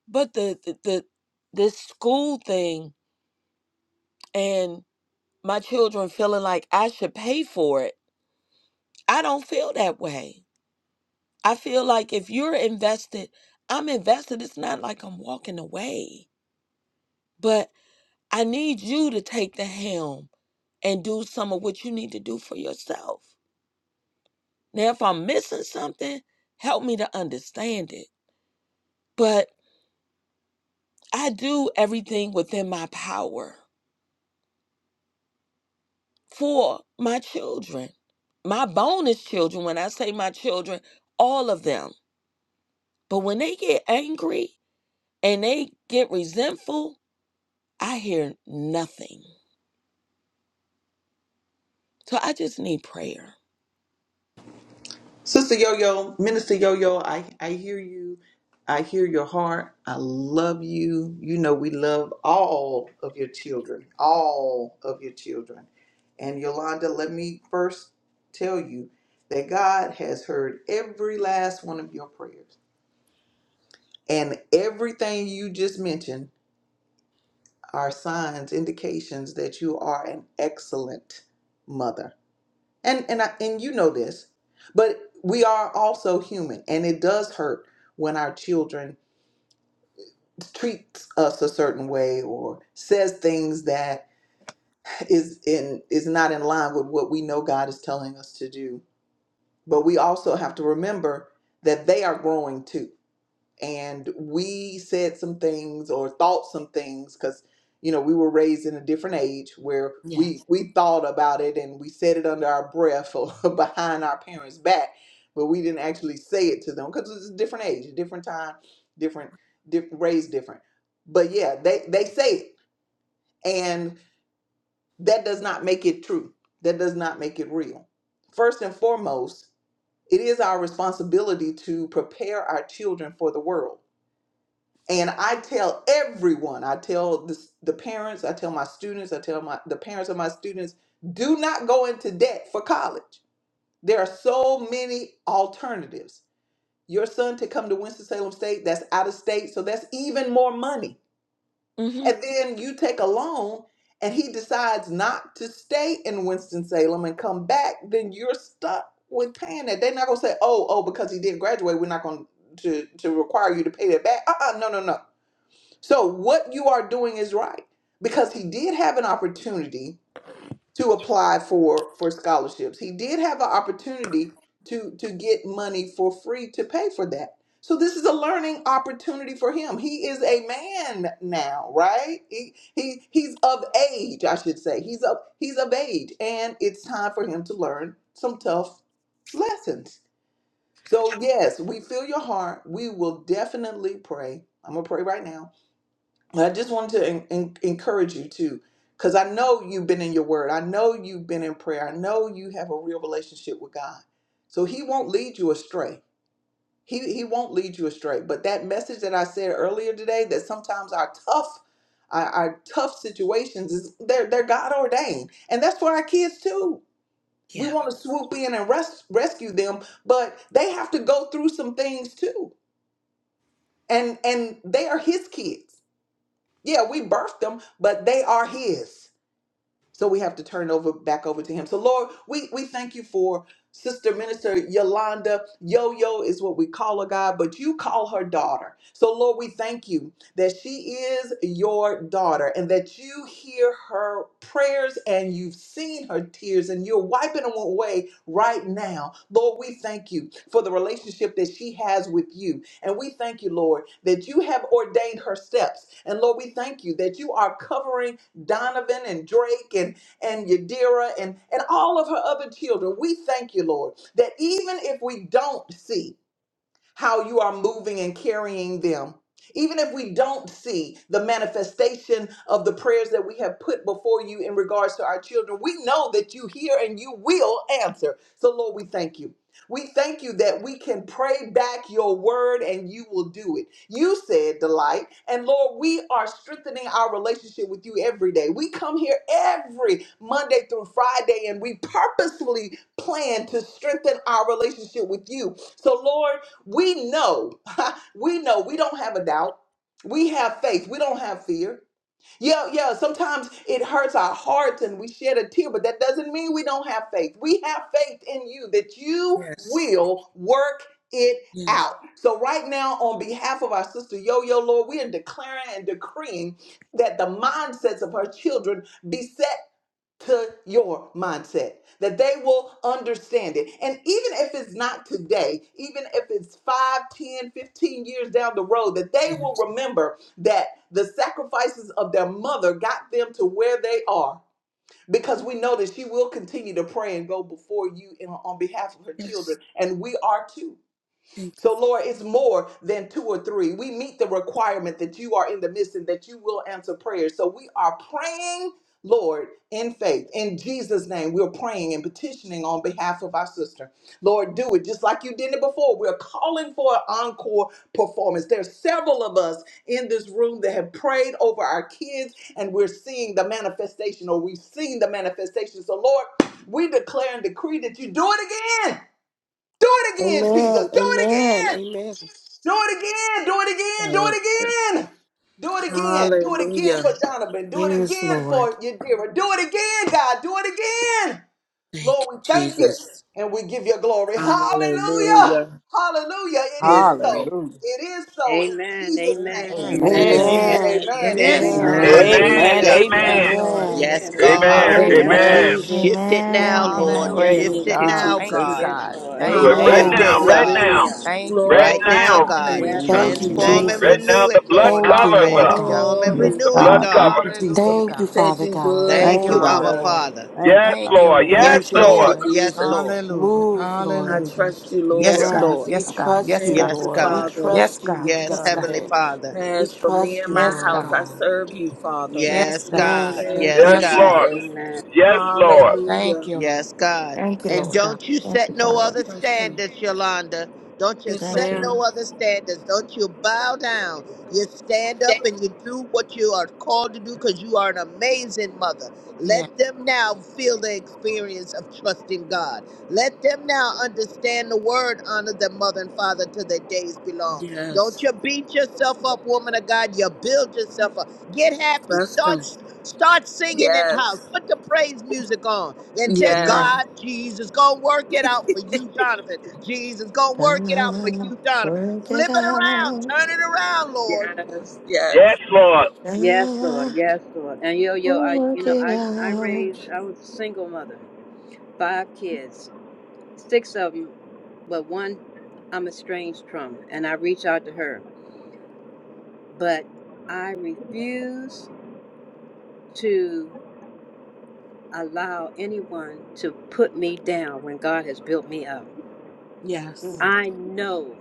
[SPEAKER 9] But the, the the this school thing and my children feeling like I should pay for it. I don't feel that way. I feel like if you're invested, I'm invested. It's not like I'm walking away. But I need you to take the helm and do some of what you need to do for yourself. Now if I'm missing something, help me to understand it. But I do everything within my power. for my children, my bonus children. When I say my children, all of them. But when they get angry and they get resentful, I hear nothing. So I just need prayer.
[SPEAKER 1] Sister Yo Yo, Minister Yo Yo, I, I hear you. I hear your heart. I love you. You know, we love all of your children, all of your children. And Yolanda, let me first tell you that God has heard every last one of your prayers. And everything you just mentioned are signs, indications that you are an excellent mother and and I, and you know this but we are also human and it does hurt when our children treat us a certain way or says things that is in is not in line with what we know God is telling us to do but we also have to remember that they are growing too and we said some things or thought some things because you know we were raised in a different age where
[SPEAKER 9] Yes.
[SPEAKER 1] we we thought about it and we said it under our breath or *laughs* behind our parents back but we didn't actually say it to them because it's a different age a different time different diff- raised different but yeah they they say it and that does not make it true that does not make it real first and foremost it is our responsibility to prepare our children for the world and I tell everyone, I tell the, the parents, I tell my students, I tell my the parents of my students, do not go into debt for college. There are so many alternatives. Your son to come to Winston-Salem State, that's out of state, so that's even more money.
[SPEAKER 9] hmm
[SPEAKER 1] And then you take a loan and he decides not to stay in Winston-Salem and come back, then you're stuck with paying that. They're not gonna say, oh, oh, because he didn't graduate, we're not going to to require you to pay that back. Uh-uh, no, no, no so what you are doing is right because he did have an opportunity to apply for for scholarships. He did have an opportunity to to get money for free to pay for that. So this is a learning opportunity for him. He is a man now, right? He, he he's of age, I should say. He's of he's of age and it's time for him to learn some tough lessons. So yes, we feel your heart. We will definitely pray. I'm going to pray right now and I just wanted to en- en- encourage you too, because I know you've been in your word. I know you've been in prayer. I know you have a real relationship with God. So He won't lead you astray. He, he won't lead you astray. But that message that I said earlier today, that sometimes our tough, our, our tough situations is they're they're God ordained, and that's for our kids too. We
[SPEAKER 9] Yeah.
[SPEAKER 1] want to swoop in and res- rescue them, but they have to go through some things too, and and they are His kids. Yeah, we birthed them, but they are his. So we have to turn over back over to him. So Lord, we we thank you for Sister Minister Yolanda. Yo yo is what we call her God, but you call her daughter. So Lord, we thank you that she is your daughter and that you hear her prayers and you've seen her tears and you're wiping them away right now. Lord, we thank you for the relationship that she has with you. And we thank you, Lord, that you have ordained her steps. And Lord, we thank you that you are covering Donovan and Drake and, and Yadira and, and all of her other children. We thank you, Lord, that even if we don't see, how you are moving and carrying them. Even if we don't see the manifestation of the prayers that we have put before you in regards to our children, we know that you hear and you will answer. So, Lord, we thank you. We thank you that we can pray back your word and you will do it. You said, Delight. And Lord, we are strengthening our relationship with you every day. We come here every Monday through Friday and we purposefully plan to strengthen our relationship with you. So, Lord, we know, *laughs* we know, we don't have a doubt. We have faith, we don't have fear. Yeah, yeah, sometimes it hurts our hearts and we shed a tear, but that doesn't mean we don't have faith. We have faith in you that you
[SPEAKER 9] Yes.
[SPEAKER 1] will work it
[SPEAKER 9] Yes.
[SPEAKER 1] out. So, right now, on behalf of our sister Yo Yo, Lord, we are declaring and decreeing that the mindsets of her children be set to your mindset that they will understand it and even if it's not today even if it's 5, 10, 15 years down the road that they
[SPEAKER 9] Yes.
[SPEAKER 1] will remember that the sacrifices of their mother got them to where they are because we know that she will continue to pray and go before you in, on behalf of her
[SPEAKER 9] Yes.
[SPEAKER 1] children and we are too
[SPEAKER 9] Thank you.
[SPEAKER 1] so, Lord, it's more than two or three. We meet the requirement that you are in the midst and that you will answer prayers. So, we are praying, Lord, in faith. In Jesus' name, we're praying and petitioning on behalf of our sister. Lord, do it just like you did it before. We're calling for an encore performance. There's several of us in this room that have prayed over our kids, and we're seeing the manifestation, or we've seen the manifestation. So, Lord, we declare and decree that you do it again. Do it again, Jesus.
[SPEAKER 3] Amen.
[SPEAKER 1] Do it
[SPEAKER 3] Amen.
[SPEAKER 1] again.
[SPEAKER 3] Amen.
[SPEAKER 1] Do it again. Do it again. Do
[SPEAKER 9] Thank
[SPEAKER 1] it
[SPEAKER 9] you.
[SPEAKER 1] again. Do it again. Do it again
[SPEAKER 9] Hallelujah.
[SPEAKER 1] for Donovan. Do it
[SPEAKER 3] Yes,
[SPEAKER 1] again for
[SPEAKER 3] Lord.
[SPEAKER 1] Yadira. Do it again, God. Do it again.
[SPEAKER 9] Thank you,
[SPEAKER 1] Lord, we thank you
[SPEAKER 9] Jesus.
[SPEAKER 1] and we give you glory. Hallelujah.
[SPEAKER 9] Hallelujah.
[SPEAKER 1] Hallelujah. It is so.
[SPEAKER 9] Glory.
[SPEAKER 11] Hallelujah.
[SPEAKER 1] It is so. In
[SPEAKER 2] Amen.
[SPEAKER 1] Jesus'
[SPEAKER 2] Amen.
[SPEAKER 1] name.
[SPEAKER 11] Amen.
[SPEAKER 6] Amen.
[SPEAKER 2] Amen.
[SPEAKER 9] Yes.
[SPEAKER 11] Amen.
[SPEAKER 1] Amen.
[SPEAKER 3] Amen.
[SPEAKER 2] Amen.
[SPEAKER 6] It
[SPEAKER 1] Amen.
[SPEAKER 7] Amen.
[SPEAKER 6] is
[SPEAKER 1] Amen.
[SPEAKER 6] so.
[SPEAKER 3] Amen.
[SPEAKER 1] Amen.
[SPEAKER 9] Amen.
[SPEAKER 4] Amen.
[SPEAKER 11] Amen.
[SPEAKER 2] Hallelujah.
[SPEAKER 1] Amen.
[SPEAKER 7] Hallelujah.
[SPEAKER 2] Yes,
[SPEAKER 11] Amen.
[SPEAKER 4] Amen.
[SPEAKER 2] Lord.
[SPEAKER 6] Amen.
[SPEAKER 3] Amen.
[SPEAKER 7] Yes,
[SPEAKER 1] Amen.
[SPEAKER 2] Yes,
[SPEAKER 1] Amen.
[SPEAKER 7] God.
[SPEAKER 4] Amen.
[SPEAKER 2] Lord.
[SPEAKER 3] Thank you,
[SPEAKER 2] Yes,
[SPEAKER 6] Hallelujah.
[SPEAKER 11] Amen.
[SPEAKER 2] Lord.
[SPEAKER 9] Amen.
[SPEAKER 4] Amen.
[SPEAKER 7] Shift it
[SPEAKER 3] Jesus.
[SPEAKER 7] now,
[SPEAKER 2] Yes,
[SPEAKER 8] Amen.
[SPEAKER 2] Lord.
[SPEAKER 7] Lord.
[SPEAKER 8] Amen.
[SPEAKER 2] Yes,
[SPEAKER 6] Hallelujah.
[SPEAKER 11] Praise
[SPEAKER 7] Shift
[SPEAKER 9] Thank
[SPEAKER 2] Lord.
[SPEAKER 7] it
[SPEAKER 9] you,
[SPEAKER 11] God.
[SPEAKER 7] now,
[SPEAKER 6] Thank
[SPEAKER 9] Jesus.
[SPEAKER 6] you,
[SPEAKER 7] God.
[SPEAKER 2] Yes,
[SPEAKER 6] God.
[SPEAKER 2] Lord.
[SPEAKER 4] Do
[SPEAKER 6] Thank
[SPEAKER 4] it
[SPEAKER 6] you,
[SPEAKER 4] right
[SPEAKER 7] Shift
[SPEAKER 11] Amen.
[SPEAKER 6] God.
[SPEAKER 4] now.
[SPEAKER 7] it,
[SPEAKER 3] Yes.
[SPEAKER 4] Right
[SPEAKER 9] Hallelujah.
[SPEAKER 7] God.
[SPEAKER 4] now.
[SPEAKER 2] Hallelujah.
[SPEAKER 6] Thank you, God.
[SPEAKER 4] Right
[SPEAKER 7] Right
[SPEAKER 9] Glory
[SPEAKER 7] now,
[SPEAKER 9] to
[SPEAKER 4] now.
[SPEAKER 9] your
[SPEAKER 7] God.
[SPEAKER 6] We
[SPEAKER 9] name,
[SPEAKER 11] Amen.
[SPEAKER 2] Yes,
[SPEAKER 9] Father.
[SPEAKER 3] Thank
[SPEAKER 6] trust
[SPEAKER 2] Lord.
[SPEAKER 3] you,
[SPEAKER 6] you,
[SPEAKER 11] Amen.
[SPEAKER 2] Thank
[SPEAKER 7] Transform
[SPEAKER 2] you.
[SPEAKER 6] Lord.
[SPEAKER 7] and
[SPEAKER 4] Right
[SPEAKER 7] renew
[SPEAKER 4] now.
[SPEAKER 3] Jesus.
[SPEAKER 4] The
[SPEAKER 7] it,
[SPEAKER 4] blood
[SPEAKER 7] Lord.
[SPEAKER 3] Thank you,
[SPEAKER 4] covers
[SPEAKER 3] Lord
[SPEAKER 4] us.
[SPEAKER 6] Hallelujah.
[SPEAKER 3] God.
[SPEAKER 7] Transform and
[SPEAKER 11] Yes,
[SPEAKER 9] Glory.
[SPEAKER 4] The
[SPEAKER 7] renew it,
[SPEAKER 4] blood
[SPEAKER 11] God. Thank
[SPEAKER 7] God.
[SPEAKER 11] you,
[SPEAKER 4] cover.
[SPEAKER 11] Jesus.
[SPEAKER 6] Hallelujah,
[SPEAKER 9] You
[SPEAKER 3] Thank you,
[SPEAKER 6] God.
[SPEAKER 9] said
[SPEAKER 3] Father
[SPEAKER 9] you
[SPEAKER 3] God.
[SPEAKER 9] would,
[SPEAKER 6] Thank
[SPEAKER 11] Thank
[SPEAKER 7] Thank
[SPEAKER 6] you,
[SPEAKER 11] you,
[SPEAKER 7] you,
[SPEAKER 3] Thank you,
[SPEAKER 6] Lord.
[SPEAKER 7] Abba
[SPEAKER 11] God.
[SPEAKER 9] Father.
[SPEAKER 3] Lord.
[SPEAKER 7] Father.
[SPEAKER 11] Thank you,
[SPEAKER 4] Yes,
[SPEAKER 11] God.
[SPEAKER 6] Thank you,
[SPEAKER 4] Lord.
[SPEAKER 6] Lord.
[SPEAKER 9] I
[SPEAKER 4] Yes,
[SPEAKER 3] Thank
[SPEAKER 7] Yes,
[SPEAKER 3] you,
[SPEAKER 9] trust you,
[SPEAKER 4] Lord.
[SPEAKER 7] Lord.
[SPEAKER 3] Lord.
[SPEAKER 7] Yes,
[SPEAKER 9] Jesus.
[SPEAKER 7] Lord.
[SPEAKER 6] Hallelujah.
[SPEAKER 3] Move,
[SPEAKER 9] I
[SPEAKER 3] Lord.
[SPEAKER 6] Hallelujah.
[SPEAKER 9] trust you,
[SPEAKER 6] Yes,
[SPEAKER 7] Yes,
[SPEAKER 9] Lord.
[SPEAKER 4] Yes.
[SPEAKER 6] God.
[SPEAKER 11] Thank
[SPEAKER 3] Yes,
[SPEAKER 7] Lord.
[SPEAKER 11] you, God.
[SPEAKER 3] we
[SPEAKER 6] Yes, God.
[SPEAKER 3] trust
[SPEAKER 6] Yes,
[SPEAKER 3] you,
[SPEAKER 6] God.
[SPEAKER 9] Thank
[SPEAKER 7] Yes,
[SPEAKER 9] you,
[SPEAKER 3] Lord. We
[SPEAKER 7] God.
[SPEAKER 9] Father.
[SPEAKER 6] Yes,
[SPEAKER 3] trust you
[SPEAKER 6] God.
[SPEAKER 3] with
[SPEAKER 7] Yes,
[SPEAKER 6] Yes, God.
[SPEAKER 7] Heavenly
[SPEAKER 3] Donovan.
[SPEAKER 7] Father.
[SPEAKER 3] We
[SPEAKER 9] As for me
[SPEAKER 3] trust
[SPEAKER 9] and
[SPEAKER 3] you,
[SPEAKER 9] my
[SPEAKER 6] Yes,
[SPEAKER 3] Lord
[SPEAKER 9] house,
[SPEAKER 6] God.
[SPEAKER 9] I
[SPEAKER 3] God.
[SPEAKER 9] serve you, Father.
[SPEAKER 6] Yes,
[SPEAKER 7] Yes,
[SPEAKER 6] God.
[SPEAKER 3] Yes,
[SPEAKER 7] God.
[SPEAKER 9] Thank
[SPEAKER 3] Lord.
[SPEAKER 7] Yes,
[SPEAKER 9] you,
[SPEAKER 4] Yes,
[SPEAKER 6] Yes, God.
[SPEAKER 7] God.
[SPEAKER 4] Lord.
[SPEAKER 9] Jesus.
[SPEAKER 4] Yes, Lord.
[SPEAKER 9] Hallelujah.
[SPEAKER 6] Thank you, Lord.
[SPEAKER 7] Yes, God.
[SPEAKER 8] Thank you,
[SPEAKER 7] And
[SPEAKER 6] Yes,
[SPEAKER 8] Lord.
[SPEAKER 6] God.
[SPEAKER 7] don't you
[SPEAKER 8] Thank
[SPEAKER 7] set
[SPEAKER 8] you,
[SPEAKER 7] no
[SPEAKER 8] Father.
[SPEAKER 7] other
[SPEAKER 9] Question.
[SPEAKER 7] standards, Yolanda. Don't you
[SPEAKER 9] Yes,
[SPEAKER 8] Thank
[SPEAKER 7] set
[SPEAKER 8] you, Lord.
[SPEAKER 9] ma'am.
[SPEAKER 7] no other standards. Don't you bow down. You stand up and you do what you are called to do because you are an amazing mother.
[SPEAKER 6] Yes.
[SPEAKER 7] Let them now feel the experience of trusting God. Let them now understand the word, honor their mother and father till their days belong. Don't
[SPEAKER 9] Yes.
[SPEAKER 7] you beat yourself up, woman of God. You build yourself up. Get happy.
[SPEAKER 9] Trust him.
[SPEAKER 7] Start Start singing in the
[SPEAKER 9] Yes.
[SPEAKER 7] house. Put the praise music on. And just
[SPEAKER 9] Yes.
[SPEAKER 8] Amen.
[SPEAKER 7] God, Jesus, gonna work it out for you, Donovan. Jesus, gonna work it out for
[SPEAKER 8] God,
[SPEAKER 7] you, Donovan.
[SPEAKER 8] work it
[SPEAKER 7] Flip it around.
[SPEAKER 8] out.
[SPEAKER 7] Turn it around, Lord.
[SPEAKER 9] Yes.
[SPEAKER 4] Yes,
[SPEAKER 9] Yes.
[SPEAKER 4] Lord.
[SPEAKER 2] Yes, Lord.
[SPEAKER 8] God,
[SPEAKER 2] Yes, Lord. And yo, yo,
[SPEAKER 8] will
[SPEAKER 2] I, you
[SPEAKER 8] work
[SPEAKER 2] know,
[SPEAKER 8] it
[SPEAKER 2] I, I
[SPEAKER 8] out
[SPEAKER 2] raised, I was a single mother, five kids, six of them, but one I'm estranged from, and I reach out to her. But I refuse to allow anyone to put me down when God has built me up.
[SPEAKER 9] Yes.
[SPEAKER 3] Mm.
[SPEAKER 2] I know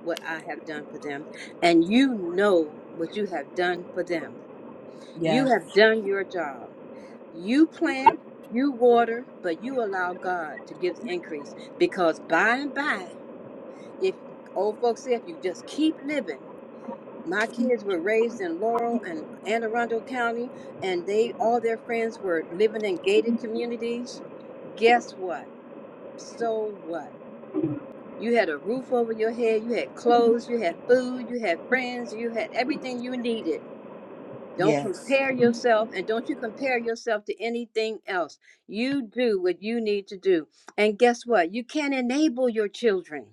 [SPEAKER 2] what I have done for them, and you know what you have done for them. You
[SPEAKER 9] Yes.
[SPEAKER 2] have done your job. You plant, you water, but you allow God to give the increase because by and by, if old folks say, if you just keep living, my kids were raised in Laurel and Anne Arundel County, and they all their friends were living in gated communities. Guess what? So what? You had a roof over your head. You had clothes. You had food. You had friends. You had everything you needed. Don't
[SPEAKER 9] Yes.
[SPEAKER 2] compare yourself and don't you compare yourself to anything else. You do what you need to do. And guess what? You can't enable your children.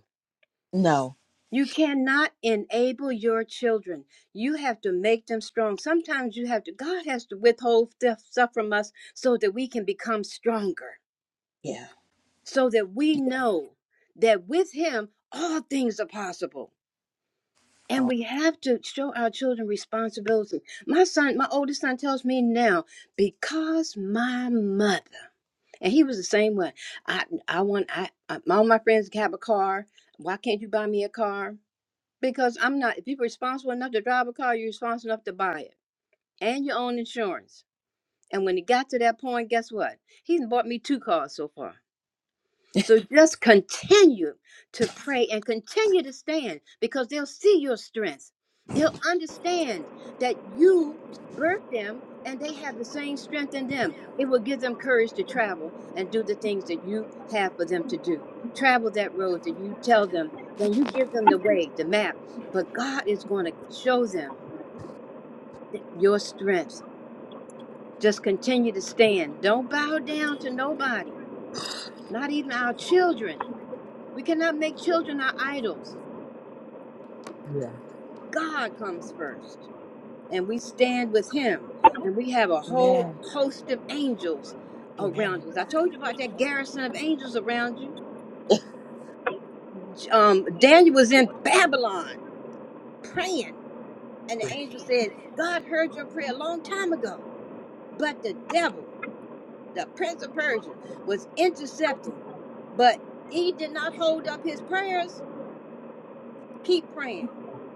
[SPEAKER 9] No.
[SPEAKER 2] You cannot enable your children. You have to make them strong. Sometimes you have to, God has to withhold stuff, stuff from us so that we can become stronger,
[SPEAKER 9] Yeah.
[SPEAKER 2] so that we know that with Him, all things are possible And
[SPEAKER 9] Oh,
[SPEAKER 2] we have to show our children responsibility. My son, my oldest son tells me now, because my mother, and he was the same way. I, I want, I, I, all my friends have a car. Why can't you buy me a car? Because I'm not, if you're responsible enough to drive a car, you're responsible enough to buy it and your own insurance. And when it got to that point, guess what? He's bought me two cars so far so just continue to pray and continue to stand because they'll see your strength. They'll understand that you birthed them and they have the same strength in them. It will give them courage to travel and do the things that you have for them to do. Travel that road that you tell them, then you give them the way, the map. But God is going to show them th- your strength. Just continue to stand. Don't bow down to nobody, not even our children we cannot make children our idols.
[SPEAKER 9] yeah.
[SPEAKER 2] God comes first, and we stand with Him, and we have a whole
[SPEAKER 3] Amen.
[SPEAKER 2] host of angels around
[SPEAKER 3] Amen.
[SPEAKER 2] us. I told you about that garrison of angels around you.
[SPEAKER 9] *laughs*
[SPEAKER 2] Um, Daniel was in Babylon praying, and the
[SPEAKER 9] Yeah.
[SPEAKER 2] angel said, "God heard your prayer a long time ago, but the devil, the prince of Persia, was intercepting, but he did not hold up his prayers." Keep praying.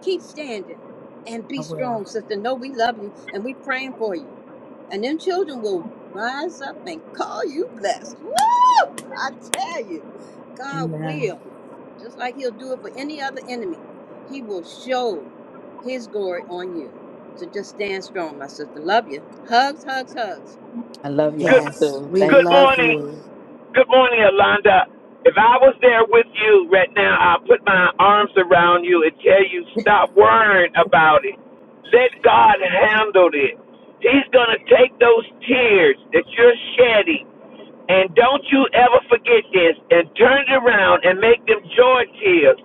[SPEAKER 2] Keep standing. And
[SPEAKER 9] I
[SPEAKER 2] be
[SPEAKER 9] will.
[SPEAKER 2] strong, sister. No, we love you and we praying for you. And them children will rise up and call you blessed. Woo! I tell you, God
[SPEAKER 9] Amen.
[SPEAKER 2] will. Just like he'll do it for any other enemy. He will show his glory on you. So just stand strong, my sister. Love you. Hugs, hugs, hugs.
[SPEAKER 9] I love y'all
[SPEAKER 4] Good.
[SPEAKER 3] Yes,
[SPEAKER 9] too.
[SPEAKER 3] we
[SPEAKER 9] Thank
[SPEAKER 4] Good
[SPEAKER 3] love
[SPEAKER 9] y'all.
[SPEAKER 4] morning.
[SPEAKER 3] you.
[SPEAKER 4] Good morning, Alonda. If I was there with you right now, I'll put my arms around you and tell you stop worrying about it. Let God handle it. He's going to take those tears that you're shedding and don't you ever forget this and turn it around and make them joy tears.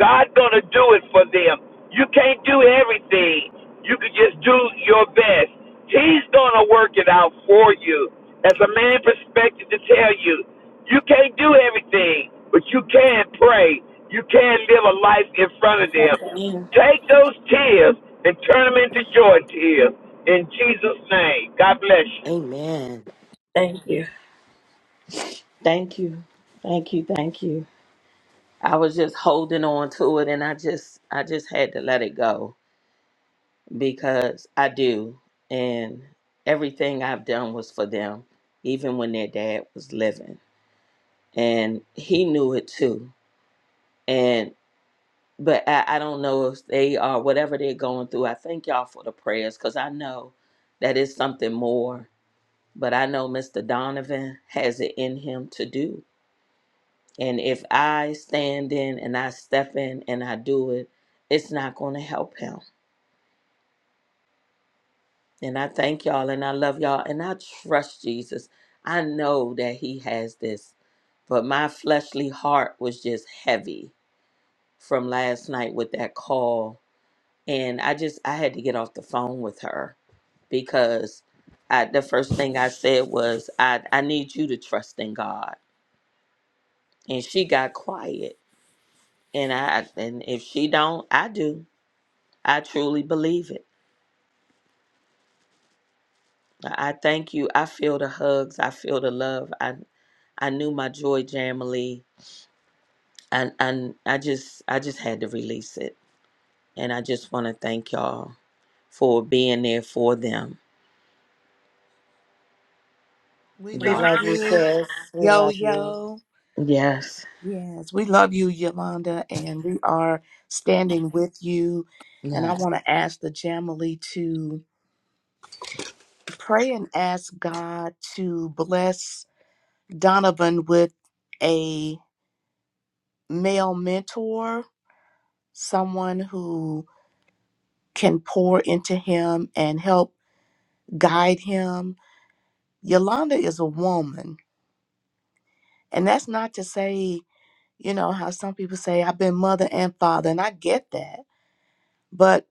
[SPEAKER 4] God's going to do it for them. You can't do everything. You can just do your best. He's going to work it out for you. As a man perspective to tell you, you can't do everything, but you can pray. You can live a life in front
[SPEAKER 9] Yes,
[SPEAKER 4] of
[SPEAKER 9] I
[SPEAKER 4] them.
[SPEAKER 9] can.
[SPEAKER 4] Take those tears and turn them into joy tears. In Jesus' name, God bless you.
[SPEAKER 3] Amen.
[SPEAKER 9] Thank you. Thank you. Thank you. Thank you. I was just holding on to it and I just I just had to let it go because I do. And everything I've done was for them, even when their dad was living. And he knew it too. but I, I don't know if they are whatever they're going through. I thank y'all for the prayers because I know that is something more. But I know Mr. Donovan has it in him to do. And if I stand in and I step in and I do it, it's not going to help him. And I thank y'all and I love y'all and I trust Jesus. I know that he has this. But my fleshly heart was just heavy from last night with that call and I just I had to get off the phone with her because I the first thing I said was I I need you to trust in God, and she got quiet. And I and if she don't, I do. I truly believe it. I I thank you. I feel the hugs. I feel the love. I I knew my joy jamily. And and I just I just had to release it. And I just want to thank y'all for being there for them.
[SPEAKER 6] We
[SPEAKER 3] We
[SPEAKER 9] Y'all.
[SPEAKER 6] love
[SPEAKER 3] love you,
[SPEAKER 6] you,
[SPEAKER 3] sis. We
[SPEAKER 6] yo,
[SPEAKER 3] love you.
[SPEAKER 6] yo.
[SPEAKER 9] Yes.
[SPEAKER 6] Yes, we love you, Yolanda, and we are standing with you. And I
[SPEAKER 9] Yes.
[SPEAKER 6] want to ask the Jamily to pray and ask God to bless Donovan with a male mentor, someone who can pour into him and help guide him Yolanda is a woman. And that's not to say, you know, how some people say, I've been mother and father, and I get that. But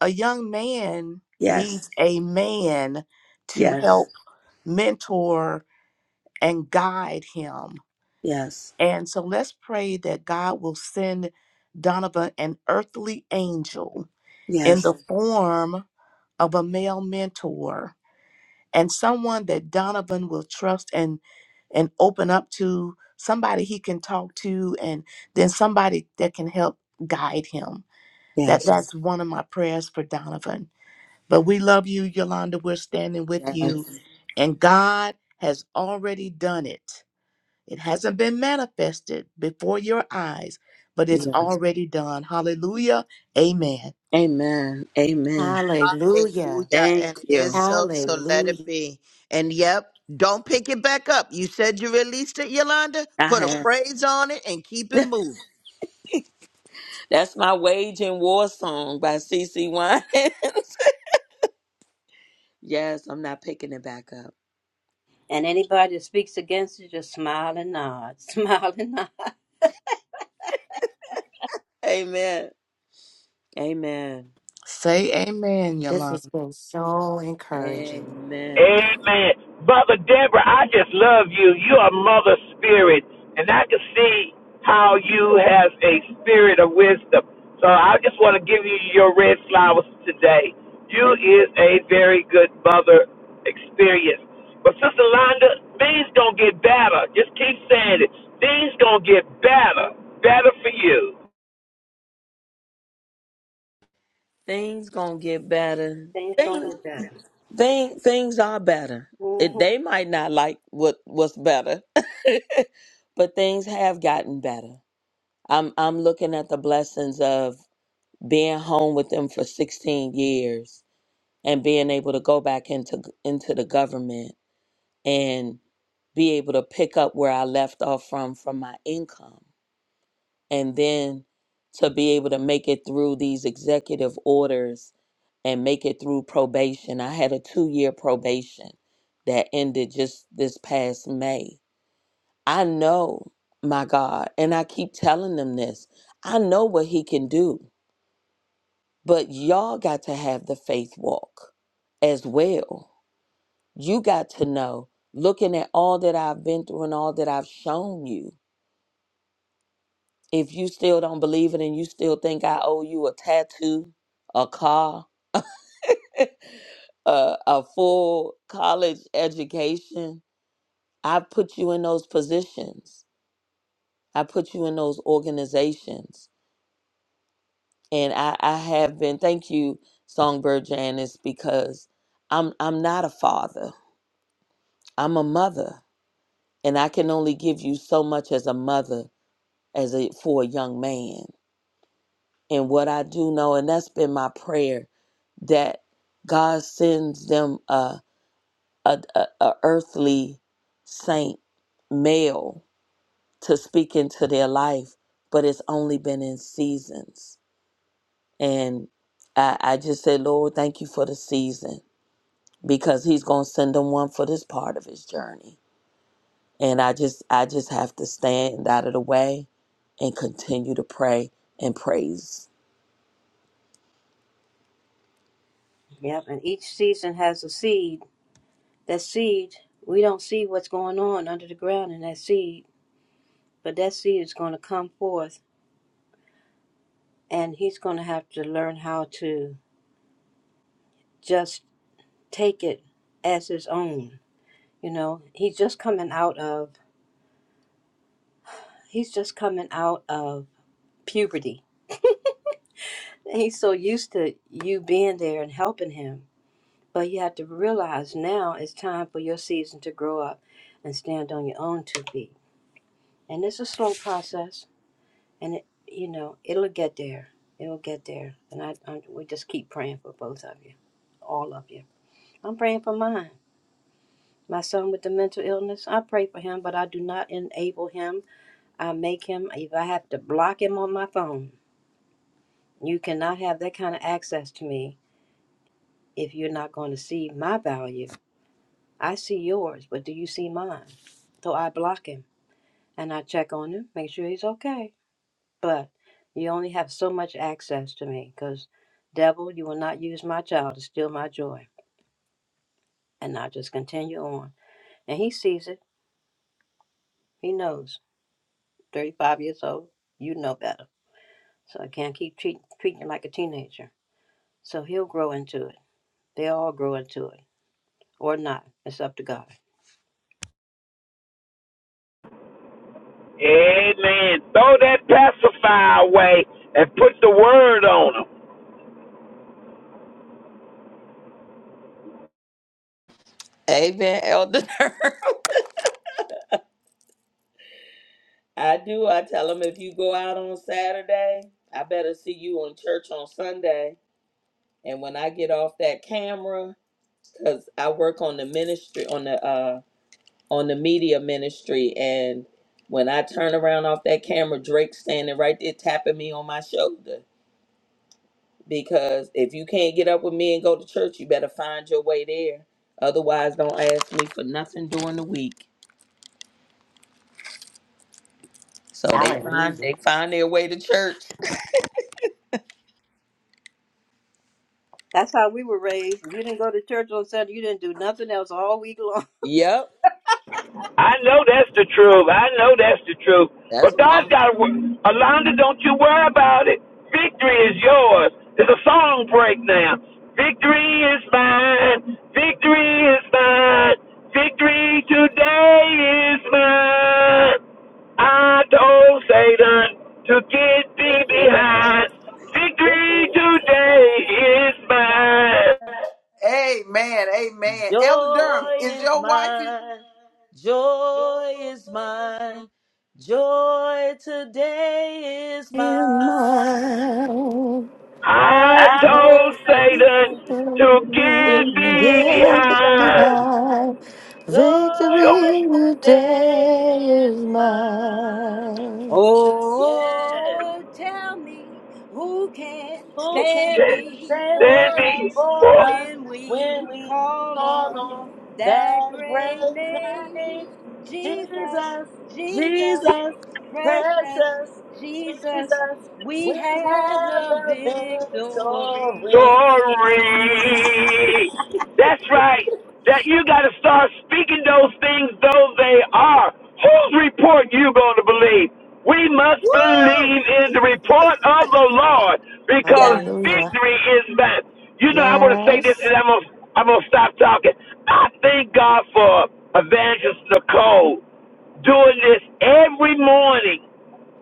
[SPEAKER 6] a young man
[SPEAKER 9] Yes.
[SPEAKER 6] needs a man to
[SPEAKER 9] Yes.
[SPEAKER 6] help mentor and guide him.
[SPEAKER 9] Yes.
[SPEAKER 6] And so let's pray that God will send Donovan an earthly angel in
[SPEAKER 9] Yes.
[SPEAKER 6] the form of a male mentor and someone that Donovan will trust and and open up to somebody he can talk to and then somebody that can help guide him that
[SPEAKER 9] Yes.
[SPEAKER 6] that's one of my prayers for donovan but we love you yolanda we're standing with
[SPEAKER 9] Yes.
[SPEAKER 6] you Mhm. and god has already done it it hasn't been manifested before your eyes but it's
[SPEAKER 9] yes.
[SPEAKER 6] already done hallelujah amen
[SPEAKER 9] Amen. Amen.
[SPEAKER 3] Hallelujah.
[SPEAKER 7] Hallelujah.
[SPEAKER 9] Thank
[SPEAKER 7] And it is
[SPEAKER 9] you.
[SPEAKER 7] so, so let it
[SPEAKER 3] Hallelujah.
[SPEAKER 7] be. And yep, don't pick it back up. You said you released it, Yolanda.
[SPEAKER 9] I
[SPEAKER 7] Put a
[SPEAKER 9] have.
[SPEAKER 7] praise on it and keep it
[SPEAKER 9] *laughs*
[SPEAKER 7] moving.
[SPEAKER 9] That's my wage and war song by C. C. One. *laughs* yes, I'm not picking it back up.
[SPEAKER 2] And anybody that speaks against you, just smile and nod. *laughs* Smile and nod.
[SPEAKER 9] Amen. Amen.
[SPEAKER 6] say amen
[SPEAKER 3] This has
[SPEAKER 6] yolanda
[SPEAKER 3] been so encouraging.
[SPEAKER 9] Amen.
[SPEAKER 4] Amen. Mother Deborah, I just love you. You are Mother Spirit, and I can see how you have a spirit of wisdom. So I just want to give you your red flowers today. You is a very good mother experience. But Sister Londa, things gonna get better. Just keep saying it. Things gonna get better. Better for you.
[SPEAKER 9] Things gonna get better.
[SPEAKER 2] Things gonna
[SPEAKER 9] Thing.
[SPEAKER 2] get better.
[SPEAKER 9] thing, things are better. It, they might not like what what's better, *laughs* but things have gotten better. I'm I'm looking at the blessings of being home with them for 16 years and being able to go back into into the government and be able to pick up where I left off from from my income and then to be able to make it through these executive orders and make it through probation. I had a 2-year probation that ended just this past May. I know my God, and I keep telling them this. I know what he can do. But y'all got to have the faith walk as well. You got to know, looking at all that I've been through and all that I've shown you, if you still don't believe it and you still think I owe you a tattoo, a car, *laughs* a, a full college education, I put you in those positions. I put you in those organizations. And I, I have been, thank you, Songbird Janice, because I'm I'm not a father. I'm a mother, and I can only give you so much as a mother, as a for a young man. And what I do know, and that's been my prayer, that God sends them a a, a, a earthly saint male to speak into their life, but it's only been in seasons. And I, I just say, Lord, thank you for the season because He's gonna send them one for this part of His journey and I just I just have to stand out of the way and continue to pray and praise.
[SPEAKER 2] Yep, and each season has a seed. That seed, we don't see what's going on under the ground in that seed, but that seed is going to come forth, and he's going to have to learn how to just take it as his own. You know, he's just coming out of he's just coming out of puberty. He's so used to you being there and helping him, but you have to realize now it's time for your season to grow up and stand on your own two feet. And it's a slow process and it, you know, it'll get there. It'll get there. And I, I, we just keep praying for both of you, all of you. I'm praying for mine. My son with the mental illness, I pray for him, but I do not enable him. I make him, if I have to block him on my phone, you cannot have that kind of access to me if you're not going to see my value. I see yours, but do you see mine? So I block him and I check on him, make sure he's okay. but you only have so much access to me because devil you will not use my child to steal my joy and i just continue on and he sees it he knows 35 years old you know better so i can't keep treat, treating him like a teenager so he'll grow into it they all grow into it or not it's up to god
[SPEAKER 4] Amen. Throw that pacifier away and put the word on them.
[SPEAKER 9] Amen, Elder. Durham. *laughs* I do. I tell them if you go out on Saturday, I better see you in church on Sunday. And when I get off that camera, because I work on the ministry on the uh on the media ministry, and when I turn around off that camera, Drake's standing right there tapping me on my shoulder. because if you can't get up with me and go to church, you better find your way there. Otherwise, don't ask me for nothing during the week. So they find
[SPEAKER 3] Hallelujah.
[SPEAKER 9] they find their way to church.
[SPEAKER 2] that's how we were raised if you didn't go to church on sunday you didn't do nothing else all week long
[SPEAKER 9] Yep,
[SPEAKER 4] I know that's the truth. I know that's the truth.
[SPEAKER 9] that's
[SPEAKER 4] But
[SPEAKER 9] what
[SPEAKER 4] God's got to work. Alonda, don't you worry about it. Victory is yours. It's a song break now. Victory is mine. Victory is mine. Victory today is mine. I told Satan to get thee behind. Victory today is
[SPEAKER 9] my
[SPEAKER 4] mine.
[SPEAKER 1] Amen. Amen. Elder Durham,
[SPEAKER 9] joy
[SPEAKER 1] is
[SPEAKER 9] is
[SPEAKER 1] your wife?
[SPEAKER 9] mine. Joy is mine. Joy today is
[SPEAKER 8] in
[SPEAKER 9] mine.
[SPEAKER 8] my life.
[SPEAKER 4] I
[SPEAKER 9] I told
[SPEAKER 4] told
[SPEAKER 8] Yeah,
[SPEAKER 9] Satan.
[SPEAKER 4] Satan to get
[SPEAKER 9] to give
[SPEAKER 4] thee
[SPEAKER 9] me the
[SPEAKER 8] baby,
[SPEAKER 4] behind.
[SPEAKER 9] high
[SPEAKER 8] I
[SPEAKER 9] joy
[SPEAKER 8] victory
[SPEAKER 9] today
[SPEAKER 8] today
[SPEAKER 9] is
[SPEAKER 8] is
[SPEAKER 9] mine.
[SPEAKER 8] mine.
[SPEAKER 9] Yes,
[SPEAKER 2] Oh, tell me who can
[SPEAKER 9] who can
[SPEAKER 2] stand
[SPEAKER 9] stand
[SPEAKER 4] Stand
[SPEAKER 2] before
[SPEAKER 4] thee.
[SPEAKER 2] us
[SPEAKER 9] before
[SPEAKER 4] forth.
[SPEAKER 9] us
[SPEAKER 2] when
[SPEAKER 9] when
[SPEAKER 2] we
[SPEAKER 9] we
[SPEAKER 2] call
[SPEAKER 9] call
[SPEAKER 2] on
[SPEAKER 9] on that
[SPEAKER 2] that great
[SPEAKER 9] great
[SPEAKER 2] name,
[SPEAKER 9] name?
[SPEAKER 2] Jesus,
[SPEAKER 9] Jesus,
[SPEAKER 2] Jesus,
[SPEAKER 9] Jesus,
[SPEAKER 2] precious
[SPEAKER 9] precious
[SPEAKER 2] Jesus.
[SPEAKER 9] Jesus, we
[SPEAKER 2] We have
[SPEAKER 9] have
[SPEAKER 2] the
[SPEAKER 9] the
[SPEAKER 2] victory.
[SPEAKER 9] victory.
[SPEAKER 4] story. That's right. That you got to start speaking those things though they are. Whose report you going to believe? We must
[SPEAKER 9] Woo!
[SPEAKER 4] believe in the report of the Lord because
[SPEAKER 9] Yes.
[SPEAKER 8] Hallelujah.
[SPEAKER 4] victory is mine. You know, I want to say this
[SPEAKER 8] Yes.
[SPEAKER 4] and I'm going to I'm gonna stop talking. I thank God for Evangelist Nicole doing this every morning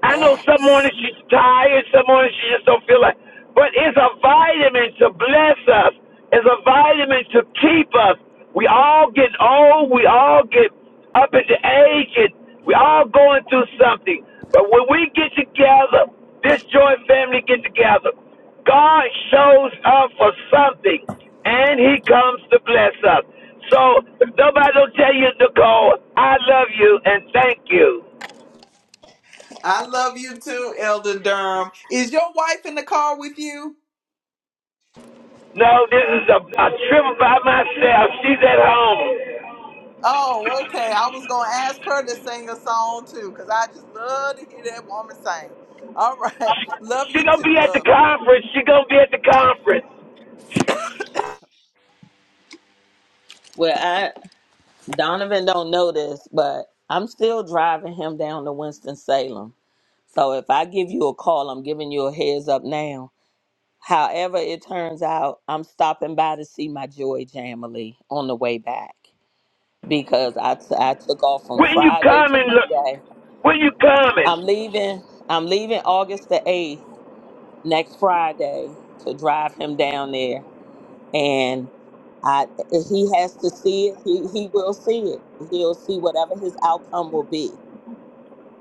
[SPEAKER 4] I know some
[SPEAKER 8] Yes.
[SPEAKER 4] mornings she's tired, some mornings she just don't feel like. But it's a vitamin to bless us. It's a vitamin to keep us. We all get old. We all get up into age, and we all going through something. But when we get together, this joint family get together, God shows up for something, and He comes to bless us. So if nobody don't tell you, Nicole, I love you and thank you.
[SPEAKER 1] I love you too, Elder Durham. Is your wife in the car with you?
[SPEAKER 4] No, this is a, a trip by myself. She's at home.
[SPEAKER 1] Oh, okay. I was gonna ask her to sing a song too, because I just love to hear that woman sing. All right.
[SPEAKER 4] She,
[SPEAKER 1] *laughs* Love
[SPEAKER 4] she
[SPEAKER 1] you
[SPEAKER 4] gonna
[SPEAKER 1] too,
[SPEAKER 4] be at
[SPEAKER 1] love.
[SPEAKER 4] the conference. She gonna be at the conference.
[SPEAKER 9] Well, I Donovan don't know this, but I'm still driving him down to Winston Salem. So if I give you a call, I'm giving you a heads up now. However, it turns out I'm stopping by to see my Joy Jamily on the way back because I, t- I took off from
[SPEAKER 4] When you
[SPEAKER 9] Friday to
[SPEAKER 4] coming? Look,
[SPEAKER 9] Monday.
[SPEAKER 4] when you coming?
[SPEAKER 9] I'm leaving. I'm leaving August the eighth next Friday to drive him down there, and I if he has to see it. He he will see it. He'll see whatever his outcome will be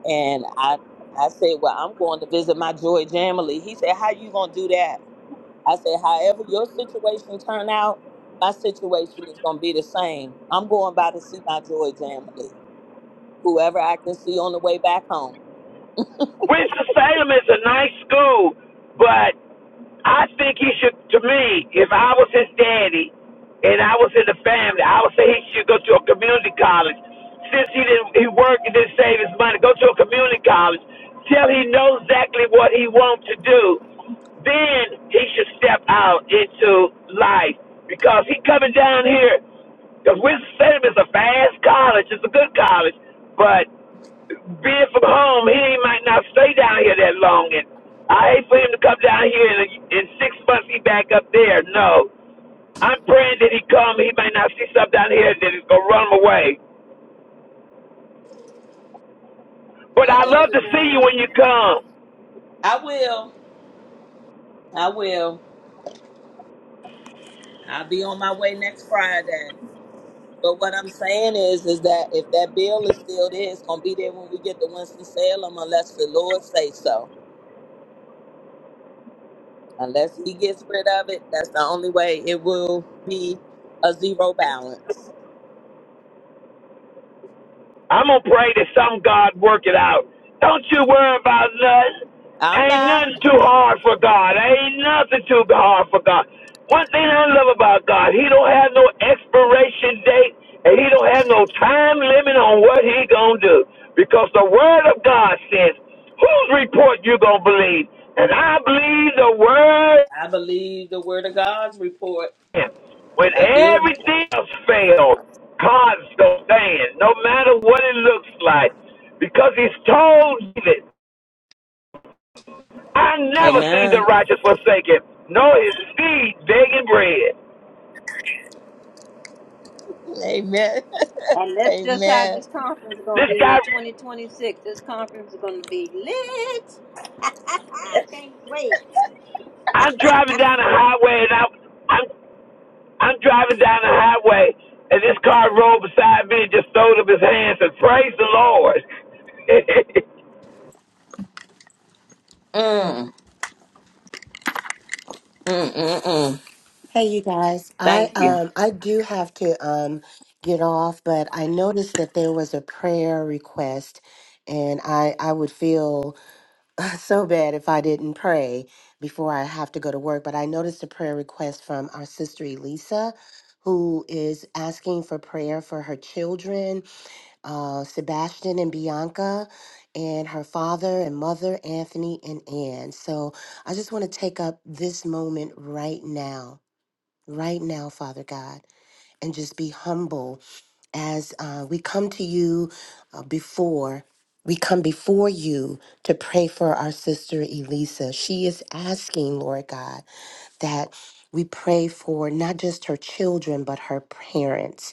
[SPEAKER 9] And I I said, Well, I'm going to visit my Joy Jamily. He said, How you gonna do that? I said, However your situation turn out, my situation is gonna be the same. I'm going by to see my Joy Jamily. Whoever I can see on the way back home.
[SPEAKER 4] Winston-Salem is a nice school, but I think he should, to me, if I was his daddy and I was in the family, I would say he should go to a community college. Since he didn't, he worked and didn't save his money, go to a community college till he knows exactly what he wants to do. Then he should step out into life because he coming down here because Winston Salem is a fast college, it's a good college, but being from home, he might not stay down here that long. And I hate for him to come down here and in six months he back up there. No, I'm praying that he come. He might not see something down here that is gonna run him away. But
[SPEAKER 9] Well,
[SPEAKER 4] I love
[SPEAKER 9] Elder
[SPEAKER 4] to see you
[SPEAKER 9] Durham,
[SPEAKER 4] when you come.
[SPEAKER 9] I will. I will. I'll be on my way next Friday. But what I'm saying is, is that if that bill is still there, it's gonna be there when we get to Winston Salem, unless the Lord say so. Unless he gets rid of it, that's the only way it will be a zero balance.
[SPEAKER 4] I'm gonna pray to some God work it out. Don't you worry about nothing.
[SPEAKER 9] I'm
[SPEAKER 4] Ain't
[SPEAKER 9] not.
[SPEAKER 4] nothing too hard for God. Ain't nothing too hard for God. One thing I love about God, He don't have no expiration date, and He don't have no time limit on what He gonna do. Because the Word of God says, "Whose report you gonna believe?" And I believe the Word.
[SPEAKER 9] I believe the word of God's report.
[SPEAKER 4] When
[SPEAKER 9] I do.
[SPEAKER 4] everything else failed, God still stands, no matter what it looks like. Because he's told David, I never see the
[SPEAKER 9] Amen.
[SPEAKER 4] righteous forsaken, nor his seed begging bread.
[SPEAKER 9] Amen.
[SPEAKER 2] And
[SPEAKER 9] *laughs*
[SPEAKER 2] that's just how
[SPEAKER 9] Amen.
[SPEAKER 2] this conference is going to
[SPEAKER 4] This
[SPEAKER 2] be
[SPEAKER 4] guy,
[SPEAKER 2] in 2026. This conference is going to be lit. *laughs* I can't wait.
[SPEAKER 4] I'm driving down the highway, and I'm, I'm, I'm driving down the highway, and this car rolled beside me and just throwed up his hands and praised the Lord. *laughs*
[SPEAKER 9] Mm, mm, mm, mm.
[SPEAKER 3] Hey, you guys. I
[SPEAKER 9] Thank you.
[SPEAKER 3] um I do have to um get off, but I noticed that there was a prayer request, and I I would feel *sighs* *laughs* so bad if I didn't pray before I have to go to work, but I noticed a prayer request from our sister Elisa, who is asking for prayer for her children, uh, Sebastian and Bianca, and her father and mother, Anthony and Ann. So I just want to take up this moment right now, right now, Father God, and just be humble as uh, we come to you uh, before, we come before you to pray for our sister Elisa. She is asking, Lord God, that we pray for not just her children, but her parents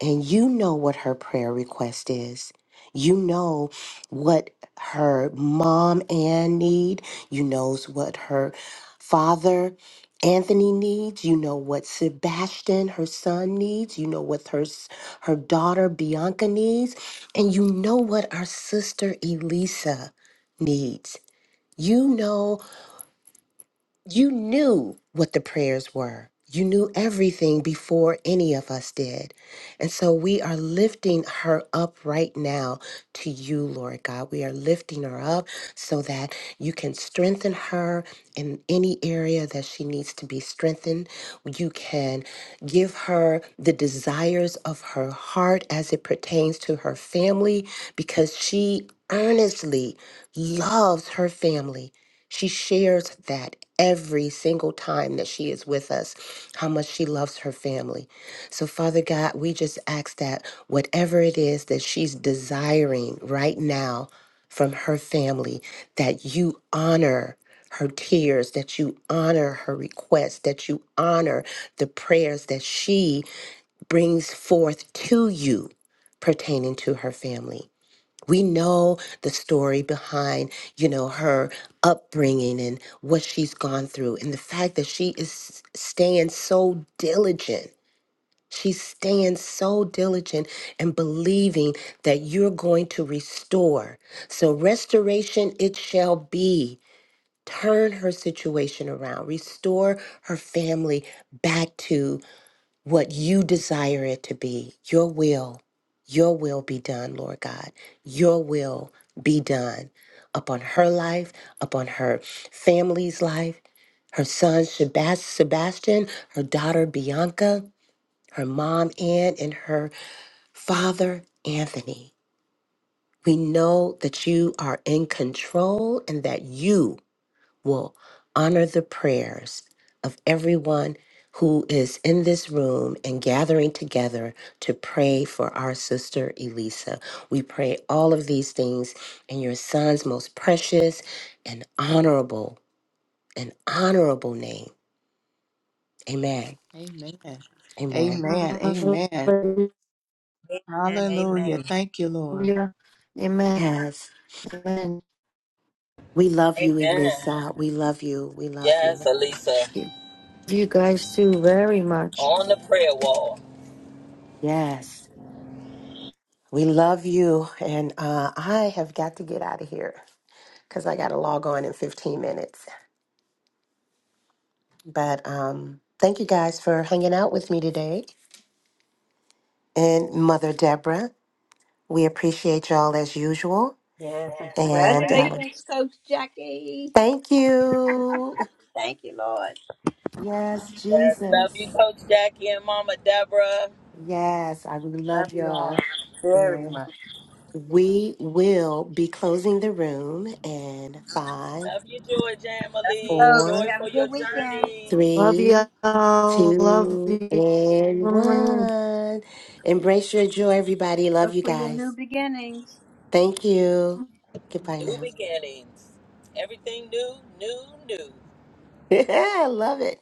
[SPEAKER 3] and you know what her prayer request is. You know what her mom Ann need. You knows what her father Anthony needs. You know what Sebastian, her son, needs. You know what her s- her daughter Bianca needs, and you know what our sister Elisa needs. You know you knew what the prayers were. You knew everything before any of us did. And so we are lifting her up right now to you, Lord God. We are lifting her up so that you can strengthen her in any area that she needs to be strengthened. You can give her the desires of her heart as it pertains to her family because she earnestly loves her family she shares that every single time that she is with us, how much she loves her family. So, Father God, we just ask that whatever it is that she's desiring right now from her family, that you honor her tears, that you honor her requests, that you honor the prayers that she brings forth to you pertaining to her family we know the story behind you know her upbringing and what she's gone through and the fact that she is staying so diligent she's staying so diligent and believing that you're going to restore so restoration it shall be turn her situation around restore her family back to what you desire it to be. Your will, your will be done, Lord God. Your will be done upon her life, upon her family's life, her son Sebas- Sebastian, her daughter Bianca, her mom Ann, and her father Anthony. We know that you are in control and that you will honor the prayers of everyone who is in this room and gathering together to pray for our sister Elisa. We pray all of these things in your son's most precious and honorable and honorable name. Amen.
[SPEAKER 6] amen
[SPEAKER 3] Amen.
[SPEAKER 6] amen
[SPEAKER 8] Hallelujah.
[SPEAKER 6] amen
[SPEAKER 2] And amen.
[SPEAKER 6] Hallelujah. Thank you, Lord.
[SPEAKER 8] Amen.
[SPEAKER 3] Yes.
[SPEAKER 8] Amen.
[SPEAKER 3] We love you,
[SPEAKER 9] Amen.
[SPEAKER 3] Elisa. We love you. We love you.
[SPEAKER 9] Yes, Elisa.
[SPEAKER 8] Thank you guys too very much.
[SPEAKER 9] On the prayer wall.
[SPEAKER 3] Yes. We love you. And uh, I have got to get out of here because I got to log on in 15 minutes. But um, thank you guys for hanging out with me today. And Mother Deborah, we appreciate y'all as usual.
[SPEAKER 2] Yes, and
[SPEAKER 3] And um,
[SPEAKER 2] congratulations, Coach Jackie.
[SPEAKER 3] thank you.
[SPEAKER 2] Thank you, Lord.
[SPEAKER 3] Yes,
[SPEAKER 9] Yes, love you,
[SPEAKER 3] Jesus.
[SPEAKER 9] Coach Jackie and Mama Deborah.
[SPEAKER 3] Yes, I
[SPEAKER 2] Love
[SPEAKER 3] love
[SPEAKER 2] you all.
[SPEAKER 3] y'all.
[SPEAKER 2] Very
[SPEAKER 3] And
[SPEAKER 2] much.
[SPEAKER 3] we will be closing the room in five,
[SPEAKER 9] Love you, Joy Jamily.
[SPEAKER 2] Rose,
[SPEAKER 9] Joy
[SPEAKER 3] four,
[SPEAKER 2] have a
[SPEAKER 9] for your
[SPEAKER 2] good weekend.
[SPEAKER 9] journey.
[SPEAKER 8] Love you
[SPEAKER 3] three,
[SPEAKER 8] all. Love
[SPEAKER 3] two,
[SPEAKER 8] you.
[SPEAKER 3] and one. Embrace your joy, everybody. Love
[SPEAKER 2] Look
[SPEAKER 3] you
[SPEAKER 2] for your
[SPEAKER 3] guys.
[SPEAKER 2] new beginnings.
[SPEAKER 3] Thank you. Goodbye
[SPEAKER 9] New
[SPEAKER 3] now.
[SPEAKER 9] beginnings. Everything new, new, new.
[SPEAKER 3] *laughs* I love it.